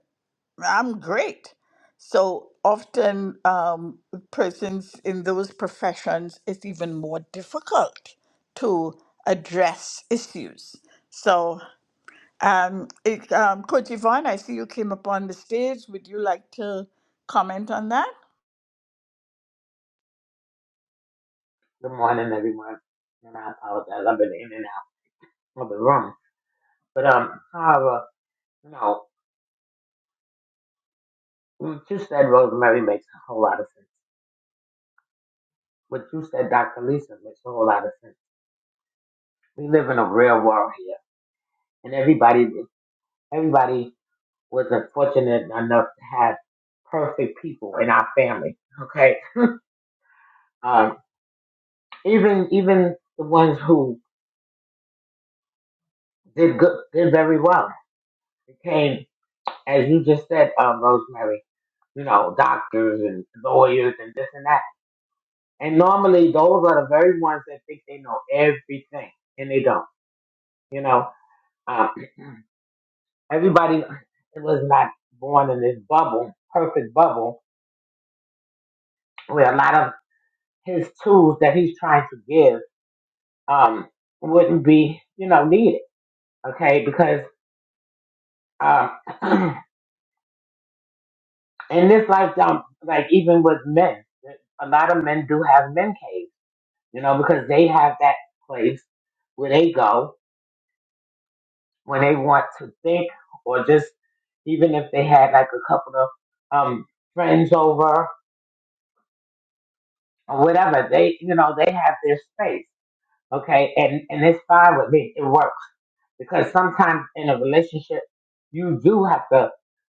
S1: I'm great. So often, um, persons in those professions, it's even more difficult to address issues. So, um, it, um, Coach Yvonne, I see you came up on the stage. Would you like to comment on that?
S7: Good morning, everyone. And I apologize. I've been in and out of the room. But um, however, you know, what you said, Rosemary, makes a whole lot of sense. What you said, Dr. Lisa, makes a whole lot of sense. We live in a real world here, and everybody, everybody wasn't fortunate enough to have perfect people in our family. Okay, um, even even the ones who did good, did very well, became as you just said, um, Rosemary, you know, doctors and lawyers and this and that. And normally those are the very ones that think they know everything and they don't. You know, um, everybody was not born in this bubble, perfect bubble, where a lot of his tools that he's trying to give um, wouldn't be, you know, needed. Okay, because um, in this lifetime, like even with men, a lot of men do have men caves you know, because they have that place where they go when they want to think or just even if they had like a couple of um friends over or whatever, they you know, they have their space. Okay, and and it's fine with me. It works because sometimes in a relationship, you do have to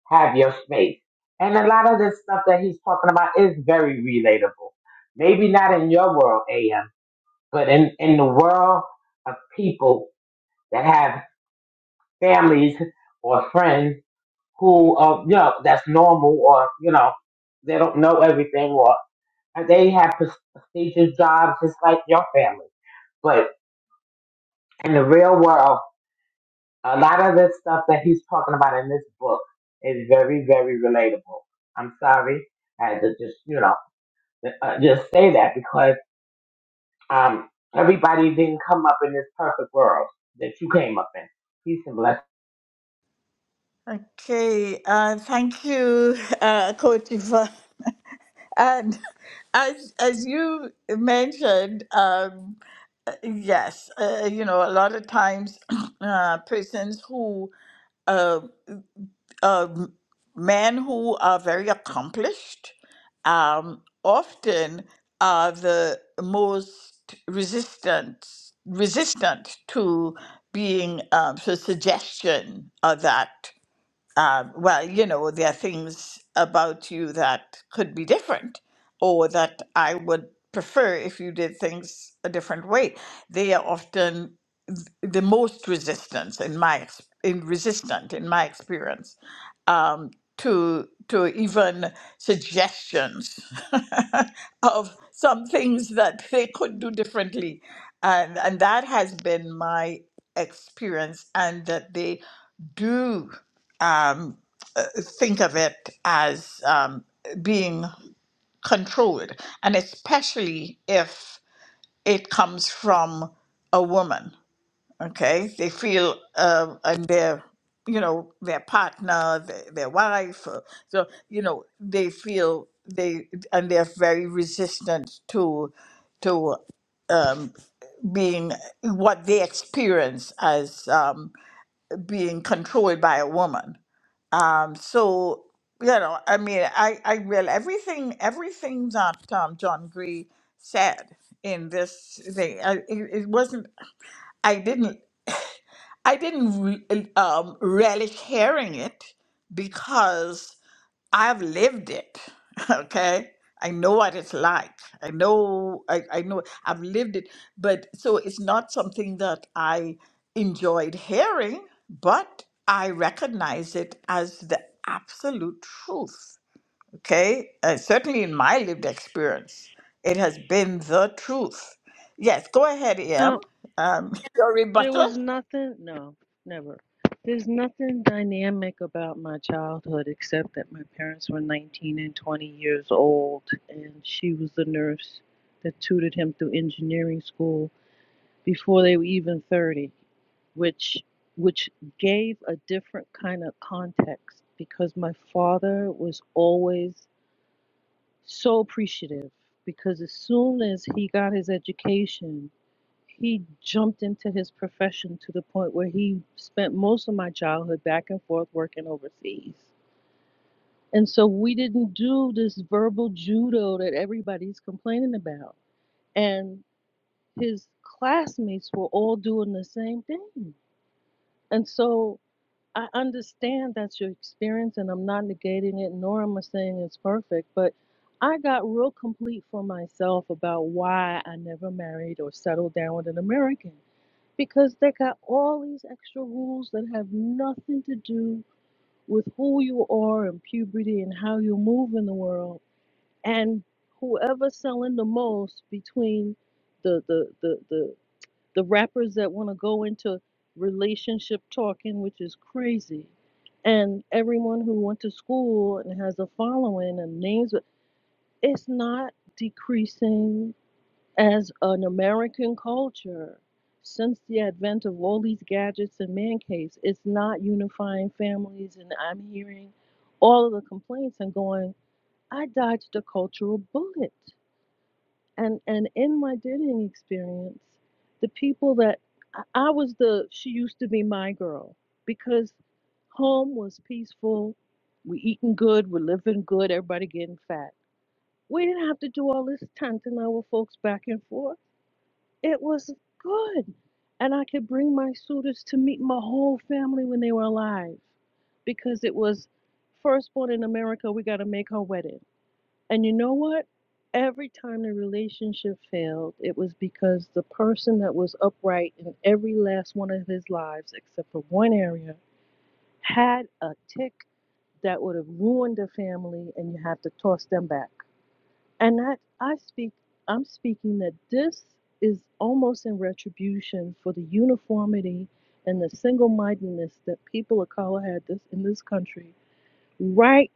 S7: have your space. And a lot of this stuff that he's talking about is very relatable. Maybe not in your world, AM, but in in the world of people that have families or friends who are you know that's normal or you know they don't know everything or they have pres- prestigious jobs just like your family. But in the real world, a lot of the stuff that he's talking about in this book is very very relatable. I'm sorry, I had to just you know uh, just say that because um everybody didn't come up in this perfect world that you came up in. Peace and blessings.
S1: Okay, uh, thank you, uh, Coach Yvonne. And as as you mentioned, um, uh, yes, uh, you know, a lot of times uh, persons who uh, uh, m- men who are very accomplished um, often are the most resistant resistant to being um, so suggestion of that um, well, you know, there are things about you that could be different or that I would prefer if you did things a different way. They are often the most resistance in my ex- in resistant in my experience um, to to even suggestions of some things that they could do differently, and and that has been my experience, and that they do um, uh, think of it as um, being controlled, and especially if it comes from a woman okay they feel um and their you know their partner their, their wife uh, so you know they feel they and they're very resistant to to um, being what they experience as um, being controlled by a woman um, so you know i mean i i real everything everything that um, john gray said in this thing I, it, it wasn't I didn't I didn't re- um, relish hearing it because I've lived it. Okay, I know what it's like. I know. I, I know. I've lived it. But so it's not something that I enjoyed hearing, but I recognize it as the absolute truth. Okay, uh, certainly in my lived experience, it has been the truth. Yes, go ahead,
S3: Now,
S1: Em. Um, your
S3: There
S1: rebuttal.
S3: was nothing, no, never. There's nothing dynamic about my childhood except that my parents were 19 and 20 years old, and she was the nurse that tutored him through engineering school before they were even 30, which which gave a different kind of context because my father was always so appreciative because as soon as he got his education he jumped into his profession to the point where he spent most of my childhood back and forth working overseas. And so we didn't do this verbal judo that everybody's complaining about. And his classmates were all doing the same thing. And so I understand that's your experience, and I'm not negating it, nor am I saying it's perfect, but I got real complete for myself about why I never married or settled down with an American because they got all these extra rules that have nothing to do with who you are and puberty and how you move in the world and whoever's selling the most between the the the the, the rappers that want to go into relationship talking which is crazy and everyone who went to school and has a following and names it's not decreasing as an American culture, since the advent of all these gadgets and man caves, it's not unifying families. And I'm hearing all of the complaints and going, I dodged a cultural bullet. And and in my dating experience, the people that I I was the she used to be my girl because home was peaceful. We eating good, we living good, everybody getting fat. We didn't have to do all this tent and our folks back and forth. It was good. And I could bring my suitors to meet my whole family when they were alive because it was firstborn in America, we got to make her wedding. And you know what? Every time the relationship failed, it was because the person that was upright in every last one of his lives, except for one area, had a tick that would have ruined the family, and you have to toss them back. And I, I speak, I'm speaking that this is almost in retribution for the uniformity and the single-mindedness that people of color had this in this country right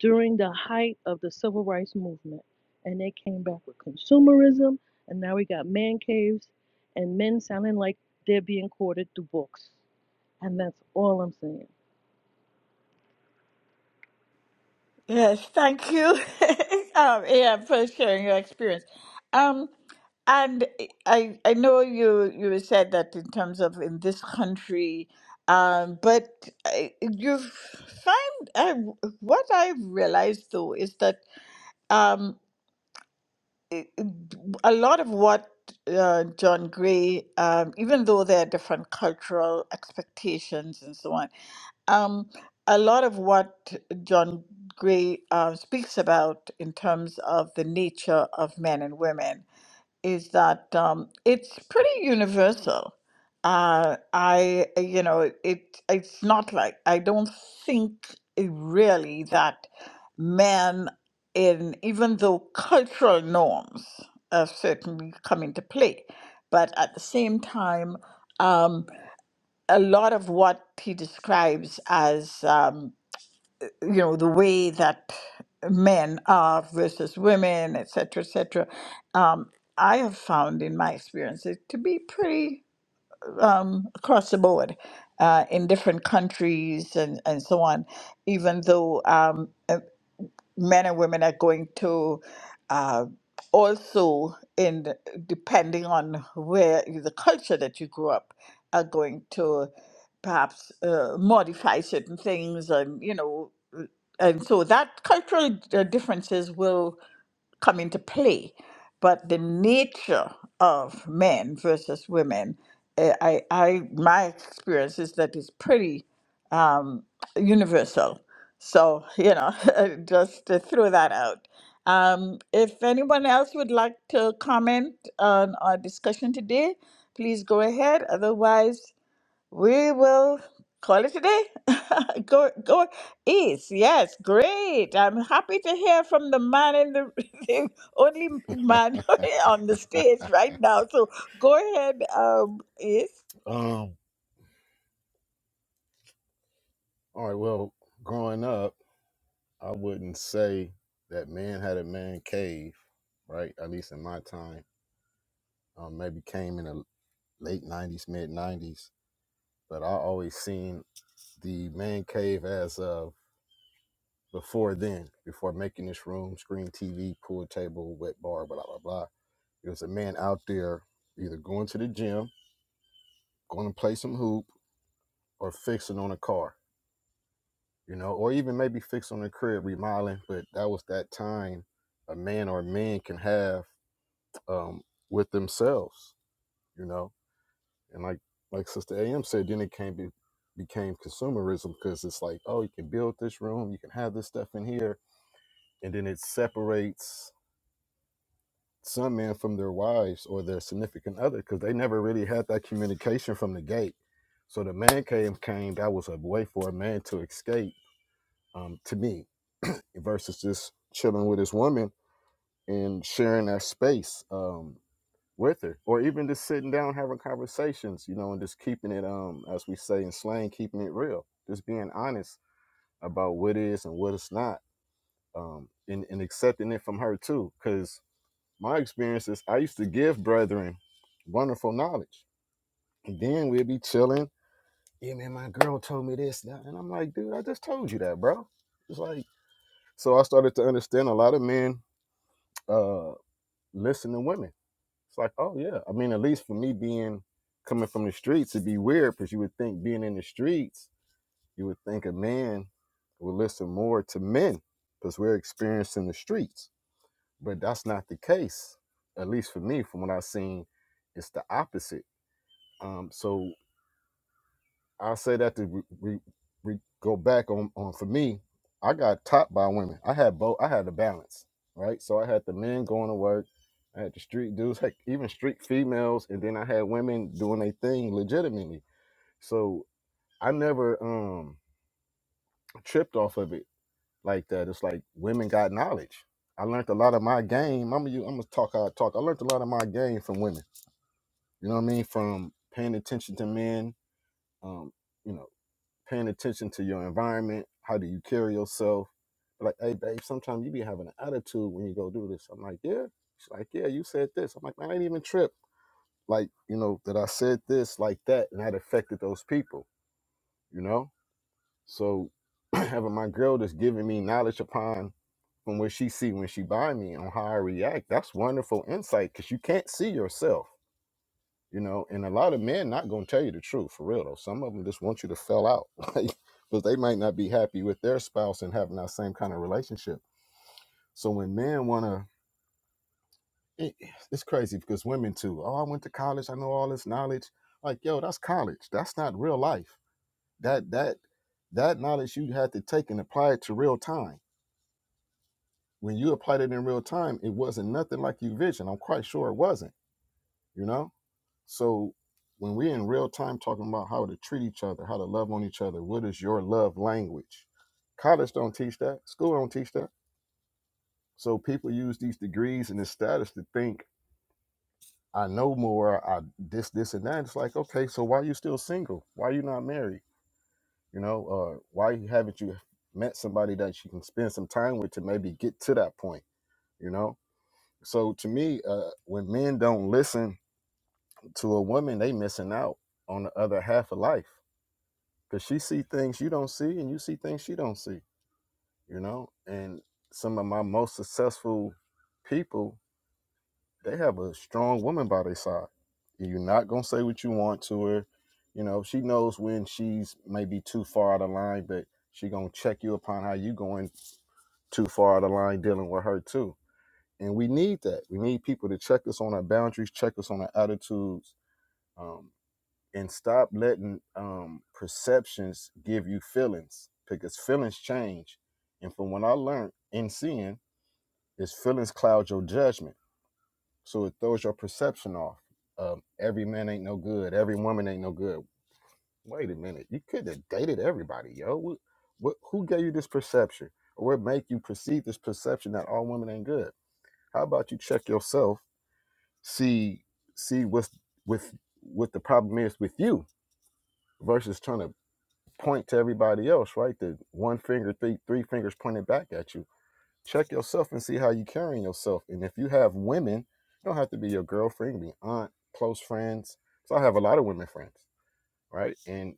S3: during the height of the civil rights movement. And they came back with consumerism, and now we got man caves and men sounding like they're being courted through books. And that's all I'm saying.
S1: Yes, thank you, um, Em, for sharing your experience. Um, and I I know you you said that in terms of in this country, um, but I, you find I, what I've realized though is that. um, it- a lot of what uh, John Gray, um, even though there are different cultural expectations and so on, um, a lot of what John Gray uh, speaks about in terms of the nature of men and women is that um, it's pretty universal. Uh, I, you know, it it's not like I don't think it really that men in even though cultural norms have certainly come into play, but at the same time, um, a lot of what he describes as um, you know the way that men are versus women et cetera, et cetera, um, i have found in my experience it to be pretty um, across the board uh, in different countries and, and so on even though um, men and women are going to uh, also in the- depending on where the culture that you grew up are going to perhaps uh, modify certain things and you know uh, and so that cultural uh, differences will come into play. But the nature of men versus women, eh, I, I, my experience is that it's pretty um, universal. So you know, just to throw that out. Um, if anyone else would like to comment on our discussion today, please go ahead. Otherwise, we will call it a day. go go east. Yes, great. I'm happy to hear from the man in the, the only man on the stage right now. So go ahead, um, Ace.
S8: Um, all right, well, growing up, I wouldn't say that man had a man cave, right? At least in my time. Um, maybe came in the late 90s, mid 90s, but I always seen the man cave as of before then, before making this room, screen TV, pool table, wet bar, blah, blah, blah. It was a man out there either going to the gym, going to play some hoop, or fixing on a car you know, or even maybe fix on the crib, remodeling. But that was that time a man or men can have um, with themselves, you know. And like like Sister AM said, then it came be, became consumerism because it's like, oh, you can build this room, you can have this stuff in here, and then it separates some men from their wives or their significant other because they never really had that communication from the gate. So the man cave came. That was a way for a man to escape. Um, to me, versus just chilling with his woman and sharing that space um, with her, or even just sitting down having conversations, you know, and just keeping it, um, as we say in slang, keeping it real, just being honest about what is and what is not, um, and, and accepting it from her too. Because my experience is I used to give brethren wonderful knowledge, and then we'd be chilling. Yeah, man, my girl told me this, and I- and I'm like, dude, I just told you that, bro. It's like, so I started to understand a lot of men. uh. listen to women. It's like, oh yeah. I mean, at least for me being coming from the streets, it'd be weird because you would think being in the streets, you would think a man would listen more to men because we're experiencing the streets. But that's not the case. At least for me, from what I've seen, it's the opposite. Um, so I'll say that to re, re, re, go back on, on for me, I got topped by women. I had both. I had the balance, right? So I had the men going to work. I had the street dudes, heck, even street females, and then I had women doing their thing legitimately. So I never um tripped off of it like that. It's like women got knowledge. I learned a lot of my game. I'm gonna, I'm gonna talk how I talk. I learned a lot of my game from women. You know what I mean? From paying attention to men, um, you know. paying attention to your environment. How do you carry yourself? Like, hey, babe, sometimes you be having an attitude when you go do this. I'm like, yeah. She's like, yeah, you said this. I'm like, man, I ain't even tripped. Like, you know, that I said this like that and that affected those people, you know? So having my girl that's giving me knowledge upon from what she see when she buy me on how I react, that's wonderful insight because you can't see yourself you know and a lot of men not going to tell you the truth for real though some of them just want you to fell out like but they might not be happy with their spouse and having that same kind of relationship so when men want to it, it's crazy because women too oh i went to college i know all this knowledge like yo that's college that's not real life that that that knowledge you had to take and apply it to real time when you applied it in real time it wasn't nothing like you vision i'm quite sure it wasn't you know So when we're in real time talking about how to treat each other, how to love on each other, what is your love language? College don't teach that. School don't teach that. So people use these degrees and this status to think I know more. I this this and that. It's like okay, so why you still single? Why you not married? You know, uh, why haven't you met somebody that you can spend some time with to maybe get to that point? You know. So to me, uh, when men don't listen to a woman, they missing out on the other half of life because she see things you don't see and you see things she don't see you know and some of my most successful people they have a strong woman by their side you're not going to say what you want to her you know she knows when she's maybe too far out of line but she going to check you upon how you going too far out of line dealing with her too and we need that we need people to check us on our boundaries check us on our attitudes Um, and stop letting um, perceptions give you feelings because feelings change. And from what I learned in seeing, is feelings cloud your judgment, so it throws your perception off. Um, every man ain't no good. Every woman ain't no good. Wait a minute, you could have dated everybody, yo. What, what, who gave you this perception, or what make you perceive this perception that all women ain't good? How about you check yourself, see see what's with what the problem is with you, versus trying to point to everybody else, right? The one finger, three three fingers pointed back at you. Check yourself and see how you are carrying yourself. And if you have women, it don't have to be your girlfriend, be aunt, close friends. So I have a lot of women friends, right? And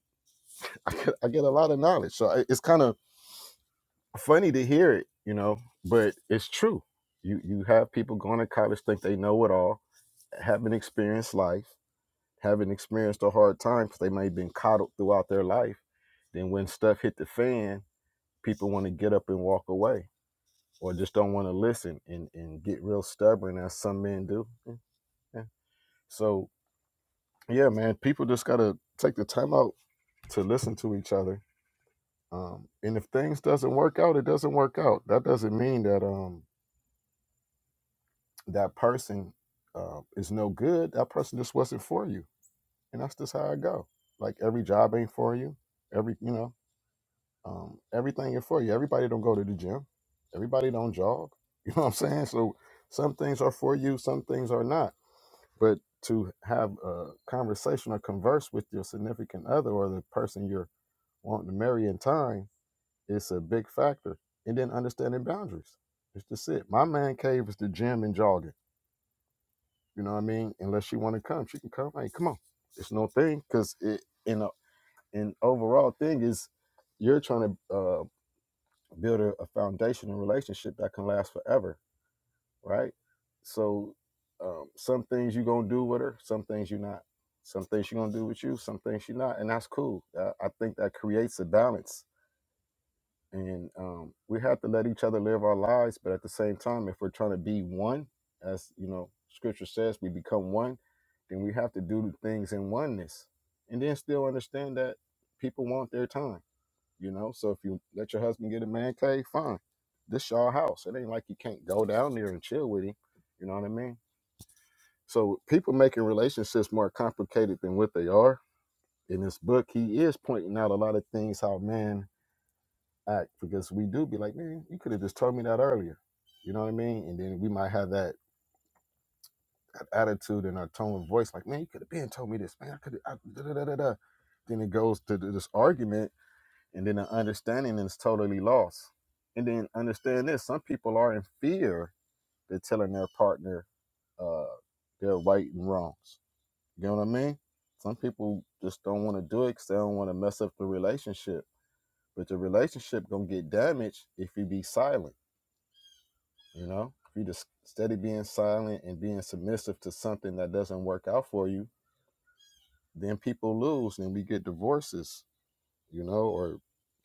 S8: I get, I get a lot of knowledge. So I- it's kind of funny to hear it, you know, but it's true. You you have people going to college think they know it all, haven't experienced life, haven't experienced a hard time because they may have been coddled throughout their life. Then when stuff hit the fan, people want to get up and walk away or just don't want to listen and, and get real stubborn as some men do. Mm, yeah. So, yeah, man, people just got to take the time out to listen to each other. Um, and if things doesn't work out, it doesn't work out. That doesn't mean that um, that person uh, is no good. That person just wasn't for you. And that's just how I go. Like every job ain't for you. Every, you know, Um, everything is for you. Everybody don't go to the gym. Everybody don't jog. You know what I'm saying? So some things are for you, some things are not. But to have a conversation or converse with your significant other or the person you're wanting to marry in time is a big factor. And then understanding boundaries. It's just it. My man cave is the gym and jogging. You know what I mean? Unless she want to come, she can come. Hey, come on. It's no thing because it in a in overall thing is you're trying to uh, build a, a foundation and relationship that can last forever, right? So, um, some things you're gonna do with her, some things you're not. Some things she's gonna do with you, some things she's not, and that's cool. I, I think that creates a balance, and um, we have to let each other live our lives. But at the same time, if we're trying to be one, as you know, Scripture says, we become one, then we have to do the things in oneness, and then still understand that people want their time you know, so if you let your husband get a man cave, fine. This y'all house. It ain't like you can't go down there and chill with him. You know what I mean? So people making relationships more complicated than what they are. In this book, he is pointing out a lot of things how men act because we do be like, man, you could have just told me that earlier. You know what I mean? And then we might have that, that attitude and our tone of voice, like, man, you could have been told me this, man. I could have. Then it goes to th- this argument and then the understanding is totally lost. And then understand this: some people are in fear they're telling their partner uh, their right and wrongs. You know what I mean? Some people just don't want to do it because they don't want to mess up the relationship. But the relationship gonna get damaged if you be silent. You know, if you just steady being silent and being submissive to something that doesn't work out for you, then people lose, and we get divorces you know, or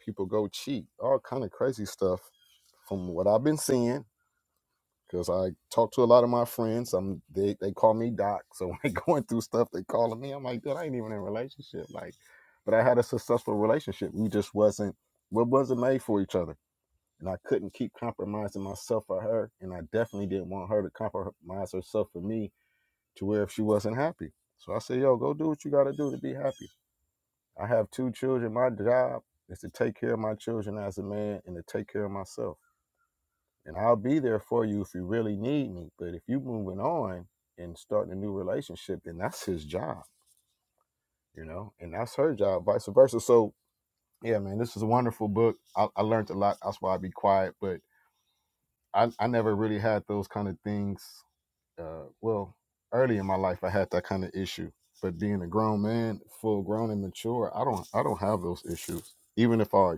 S8: people go cheat, all kind of crazy stuff from what I've been seeing. Because I talk to a lot of my friends, I'm they, they call me Doc. So when they going through stuff, they calling me. I'm like, dude, I ain't even in a relationship. Like, but I had a successful relationship. We just wasn't we wasn't made for each other, and I couldn't keep compromising myself for her, and I definitely didn't want her to compromise herself for me to where if she wasn't happy. So I said, yo, go do what you got to do to be happy I have two children. My job is to take care of my children as a man and to take care of myself. And I'll be there for you if you really need me. But if you are moving on and starting a new relationship, then that's his job, you know, and that's her job, vice versa. So yeah, man, this is a wonderful book. I, I learned a lot. That's why I be quiet. But I, I never really had those kind of things. Uh, well, early in my life, I had that kind of issue. But being a grown man, full grown and mature, I don't I don't have those issues even if I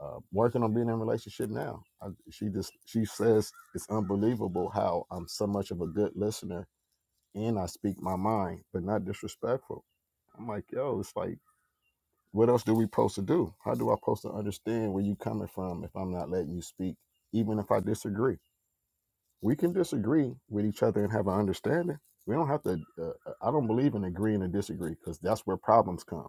S8: uh, working on being in a relationship now. I, she just she says it's unbelievable how I'm so much of a good listener and I speak my mind, but not disrespectful. I'm like, yo, it's like, what else do we supposed to do? How do I supposed to understand where you coming from if I'm not letting you speak, even if I disagree? We can disagree with each other and have an understanding. We don't have to. Uh, uh, I don't believe in agreeing and disagree because that's where problems come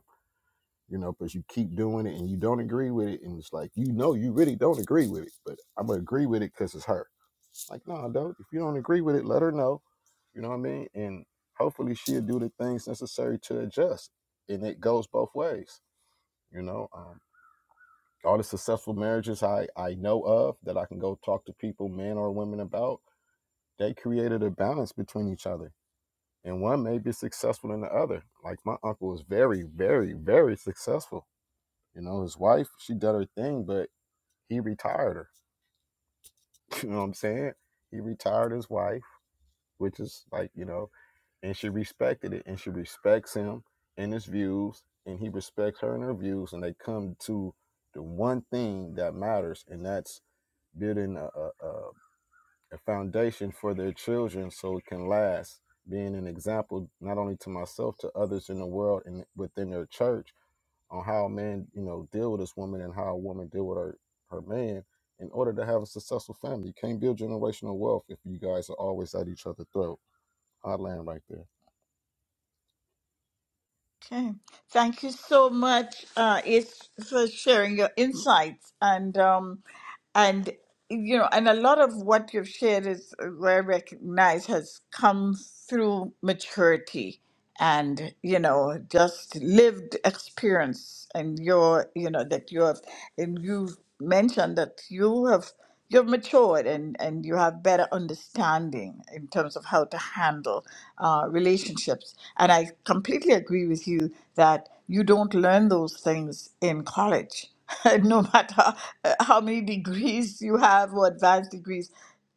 S8: you know, because you keep doing it and you don't agree with it. And it's like, you know, you really don't agree with it, but I'm going to agree with it because it's her. Like, no, don't. If you don't agree with it, let her know. You know what I mean? And hopefully she'll do the things necessary to adjust. And it goes both ways. You know, um, all the successful marriages I, I know of that I can go talk to people, men or women, about, they created a balance between each other. And one may be successful than the other. Like my uncle was very, very, very successful You know, his wife, she did her thing, but he retired her. You know what I'm saying? He retired his wife, which is like, you know, and she respected it and she respects him and his views and he respects her and her views and they come to the one thing that matters and that's building a, a, a foundation for their children so it can last being an example not only to myself to others in the world and within their church on how a man, you know, deal with his woman and how a woman deal with her her man in order to have a successful family. You can't build generational wealth if you guys are always at each other's throat. I land right there.
S1: Okay. Thank you so much, uh, it's for sharing your insights and um, and you know, and a lot of what you've shared is uh, what I recognize has come through maturity and you know just lived experience and your you know that you have and you've mentioned that you have you have matured and, and you have better understanding in terms of how to handle uh, relationships. And I completely agree with you that you don't learn those things in college, no matter uh, how many degrees you have or advanced degrees.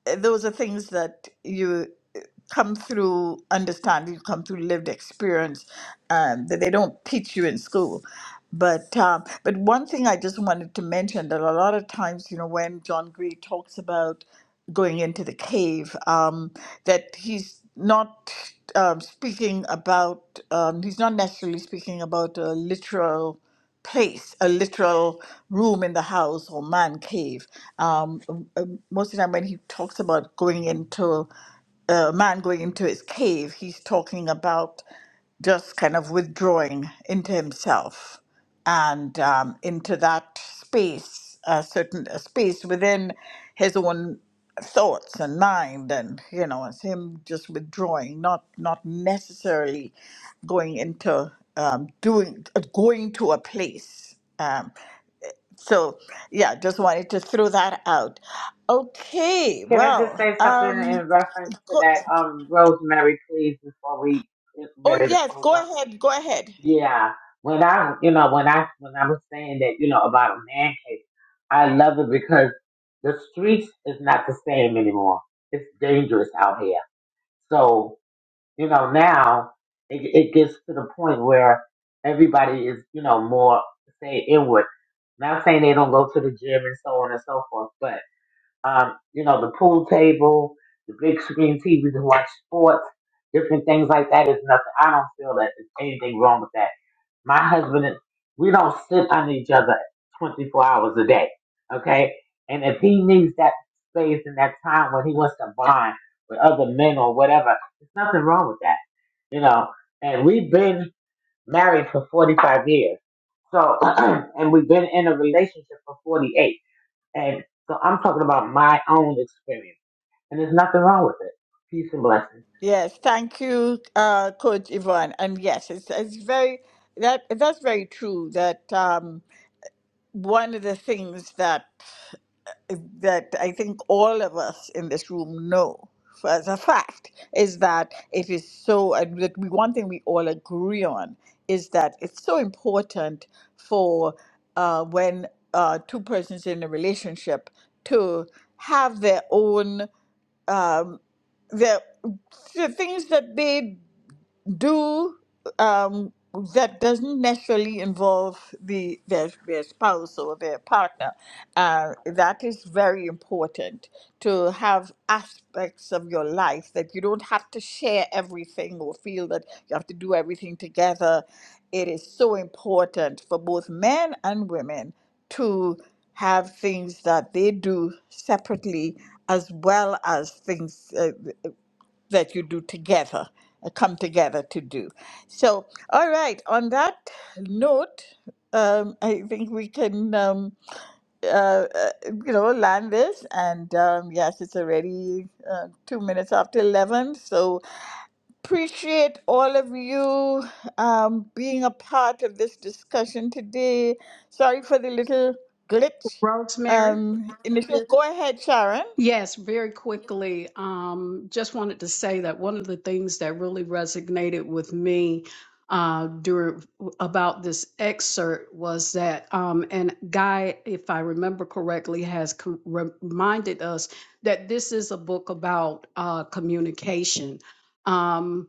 S1: uh, Those are things that you uh, come through understanding, come through lived experience um, that they don't teach you in school. But um, but one thing I just wanted to mention that a lot of times, you know, when John Gray talks about going into the cave, um, that he's not um, speaking about, um, he's not necessarily speaking about a literal place, a literal room in the house or man cave. Um, um, um, most of the time, when he talks about going into uh, a man going into his cave, he's talking about just kind of withdrawing into himself and um, into that space, a certain a space within his own thoughts and mind, and you know, it's him just withdrawing, not not necessarily going into um, doing uh, going to a place. Um, so yeah, just wanted to throw that out. Okay,
S7: Can I just
S1: well,
S7: say something
S1: um,
S7: in reference to
S1: go,
S7: that, um, Rosemary, please, before we get
S1: oh
S7: ready to
S1: yes,
S7: close
S1: go
S7: up?
S1: ahead, go ahead.
S7: Yeah. When I, you know, when I, when I was saying that, you know, about a man cave, I love it because the streets is not the same anymore. It's dangerous out here. So, you know, now it, it gets to the point where everybody is, you know, more, say, inward. Not saying they don't go to the gym and so on and so forth, but um, you know, the pool table, the big screen TV to watch sports, different things like that is nothing. I don't feel that there's anything wrong with that. My husband and we don't sit under each other 24 hours a day, okay? And if he needs that space and that time when he wants to bond with other men or whatever, there's nothing wrong with that, you know? And we've been married for 45 years. So, and we've been in a relationship for 48. And so I'm talking about my own experience. And there's nothing wrong with it. Peace and blessings.
S1: Yes, thank you, uh, Coach Yvonne. And yes, it's, it's very that that's very true. That um, one of the things that that I think all of us in this room know for- as a fact is that it is so. And that we, one thing we all agree on is that it's so important for uh, when uh, two persons in a relationship to have their own um, their the things that they do um, that doesn't necessarily involve the their, their spouse or their partner. Uh, that is very important to have aspects of your life that you don't have to share everything or feel that you have to do everything together. It is so important for both men and women to have things that they do separately as well as things uh, that you do together, uh, come together to do. So, all right, on that note, um, I think we can, um, uh, uh, you know, land this. And um, yes, it's already uh, two minutes after 11. So, appreciate all of you um, being a part of this discussion today. Sorry for the little glitch.
S6: Rosemary?
S1: Um, initially, go ahead, Sharon.
S6: Yes, very quickly. Um, just wanted to say that one of the things that really resonated with me uh, during about this excerpt was that, um, and Guy, if I remember correctly, has com- reminded us that this is a book about uh, communication. Um,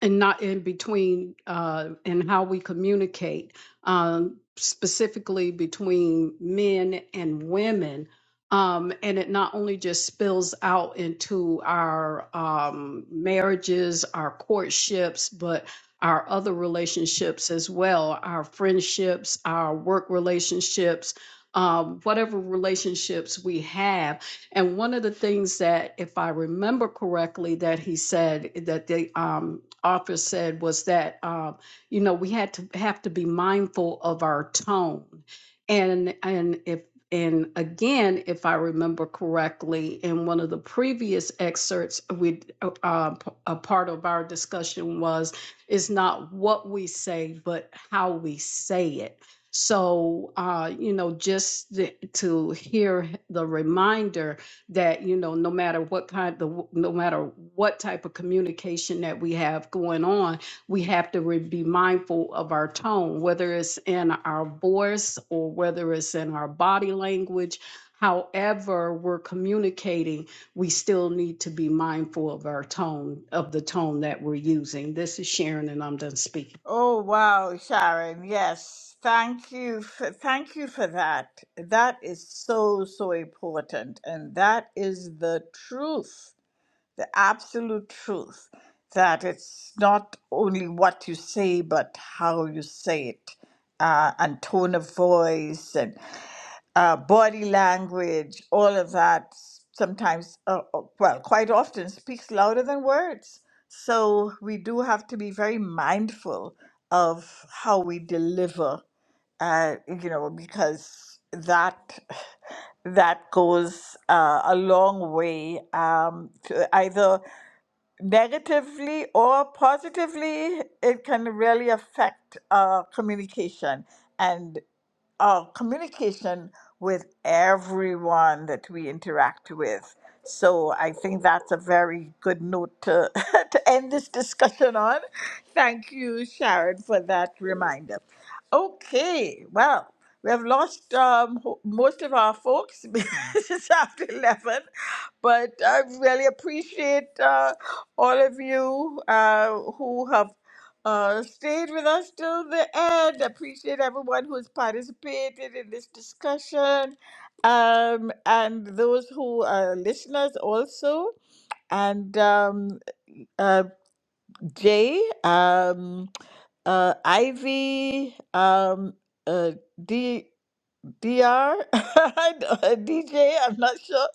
S6: and not in between uh, and how we communicate um, specifically between men and women um, and it not only just spills out into our um, marriages our courtships but our other relationships as well our friendships our work relationships um, whatever relationships we have and one of the things that, if I remember correctly, that he said that the um, author said was that um, you know we had to have to be mindful of our tone, and and if and again, if I remember correctly, in one of the previous excerpts, we uh, uh, part of our discussion was it's not what we say, but how we say it. So, uh, you know, just the, to hear the reminder that you know no matter what kind the no matter what type of communication that we have going on we have to re- be mindful of our tone whether it's in our voice or whether it's in our body language however we're communicating we still need to be mindful of our tone of the tone that we're using this is sharon and i'm done speaking
S1: Oh wow, Sharon. Yes. Thank you for, thank you for that. That is so so important and that is the truth, the absolute truth that it's not only what you say but how you say it. Uh, and tone of voice and uh, body language, all of that sometimes, uh, uh, well, quite often speaks louder than words. So we do have to be very mindful of how we deliver, uh, you know, because that that goes uh, a long way um, to either negatively or positively it can really affect uh, communication and of communication with everyone that we interact with. So I think that's a very good note to, to end this discussion on. Thank you, Sharon, for that reminder. Okay, well, we have lost um, ho- most of our folks. it's after 11 but I really appreciate uh, all of you uh, who have uh, stayed with us till the end. Appreciate everyone who has participated in this discussion, um, and those who are listeners also. And um, uh, Jay, um, uh, Ivy, um, uh, DR, don't- DJ, am not sure.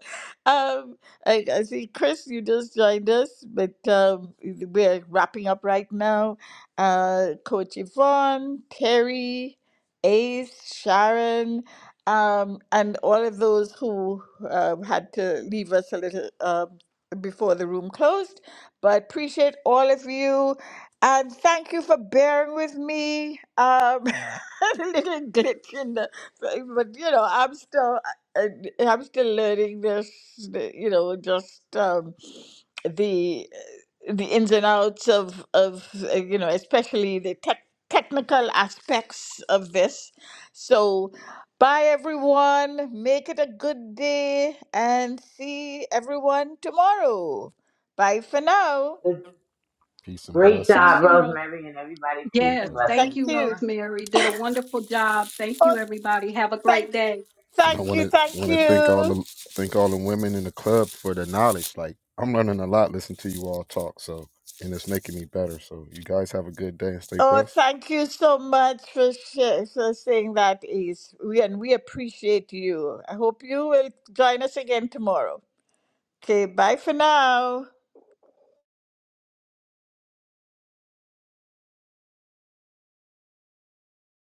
S1: Um, I, I see Chris, you just joined us, but um, we're wrapping up right now. Uh, Coach Yvonne, Terry, Ace, Sharon, um, and all of those who uh, had to leave us a little um before the room closed. But appreciate all of you, and thank you for bearing with me. Um, a little glitch in the. Like, but you know i'm still I- i'm still learning this you know just um the uh, the ins and outs of of uh, you know especially the tech technical aspects of this so bye everyone make it a good day and see everyone tomorrow bye for now
S7: Good-
S8: Peace and
S7: Great job,
S8: blessings.
S7: Rosemary and everybody. Peace
S8: Great
S7: and
S8: job.
S7: blessings.
S1: thank you oh thank
S8: And I
S1: thank
S8: want
S1: you
S8: to
S1: thank
S8: want to thank all
S1: you
S8: the thank all the women in the club for their knowledge. Like I'm learning a lot listening to you all talk. So and it's making me better. So you guys have a good day and stay
S1: Oh,
S8: blessed.
S1: thank you so much for, sh- for saying that, Ace. We, and we appreciate you. I hope you will join us again tomorrow. Okay, bye for now.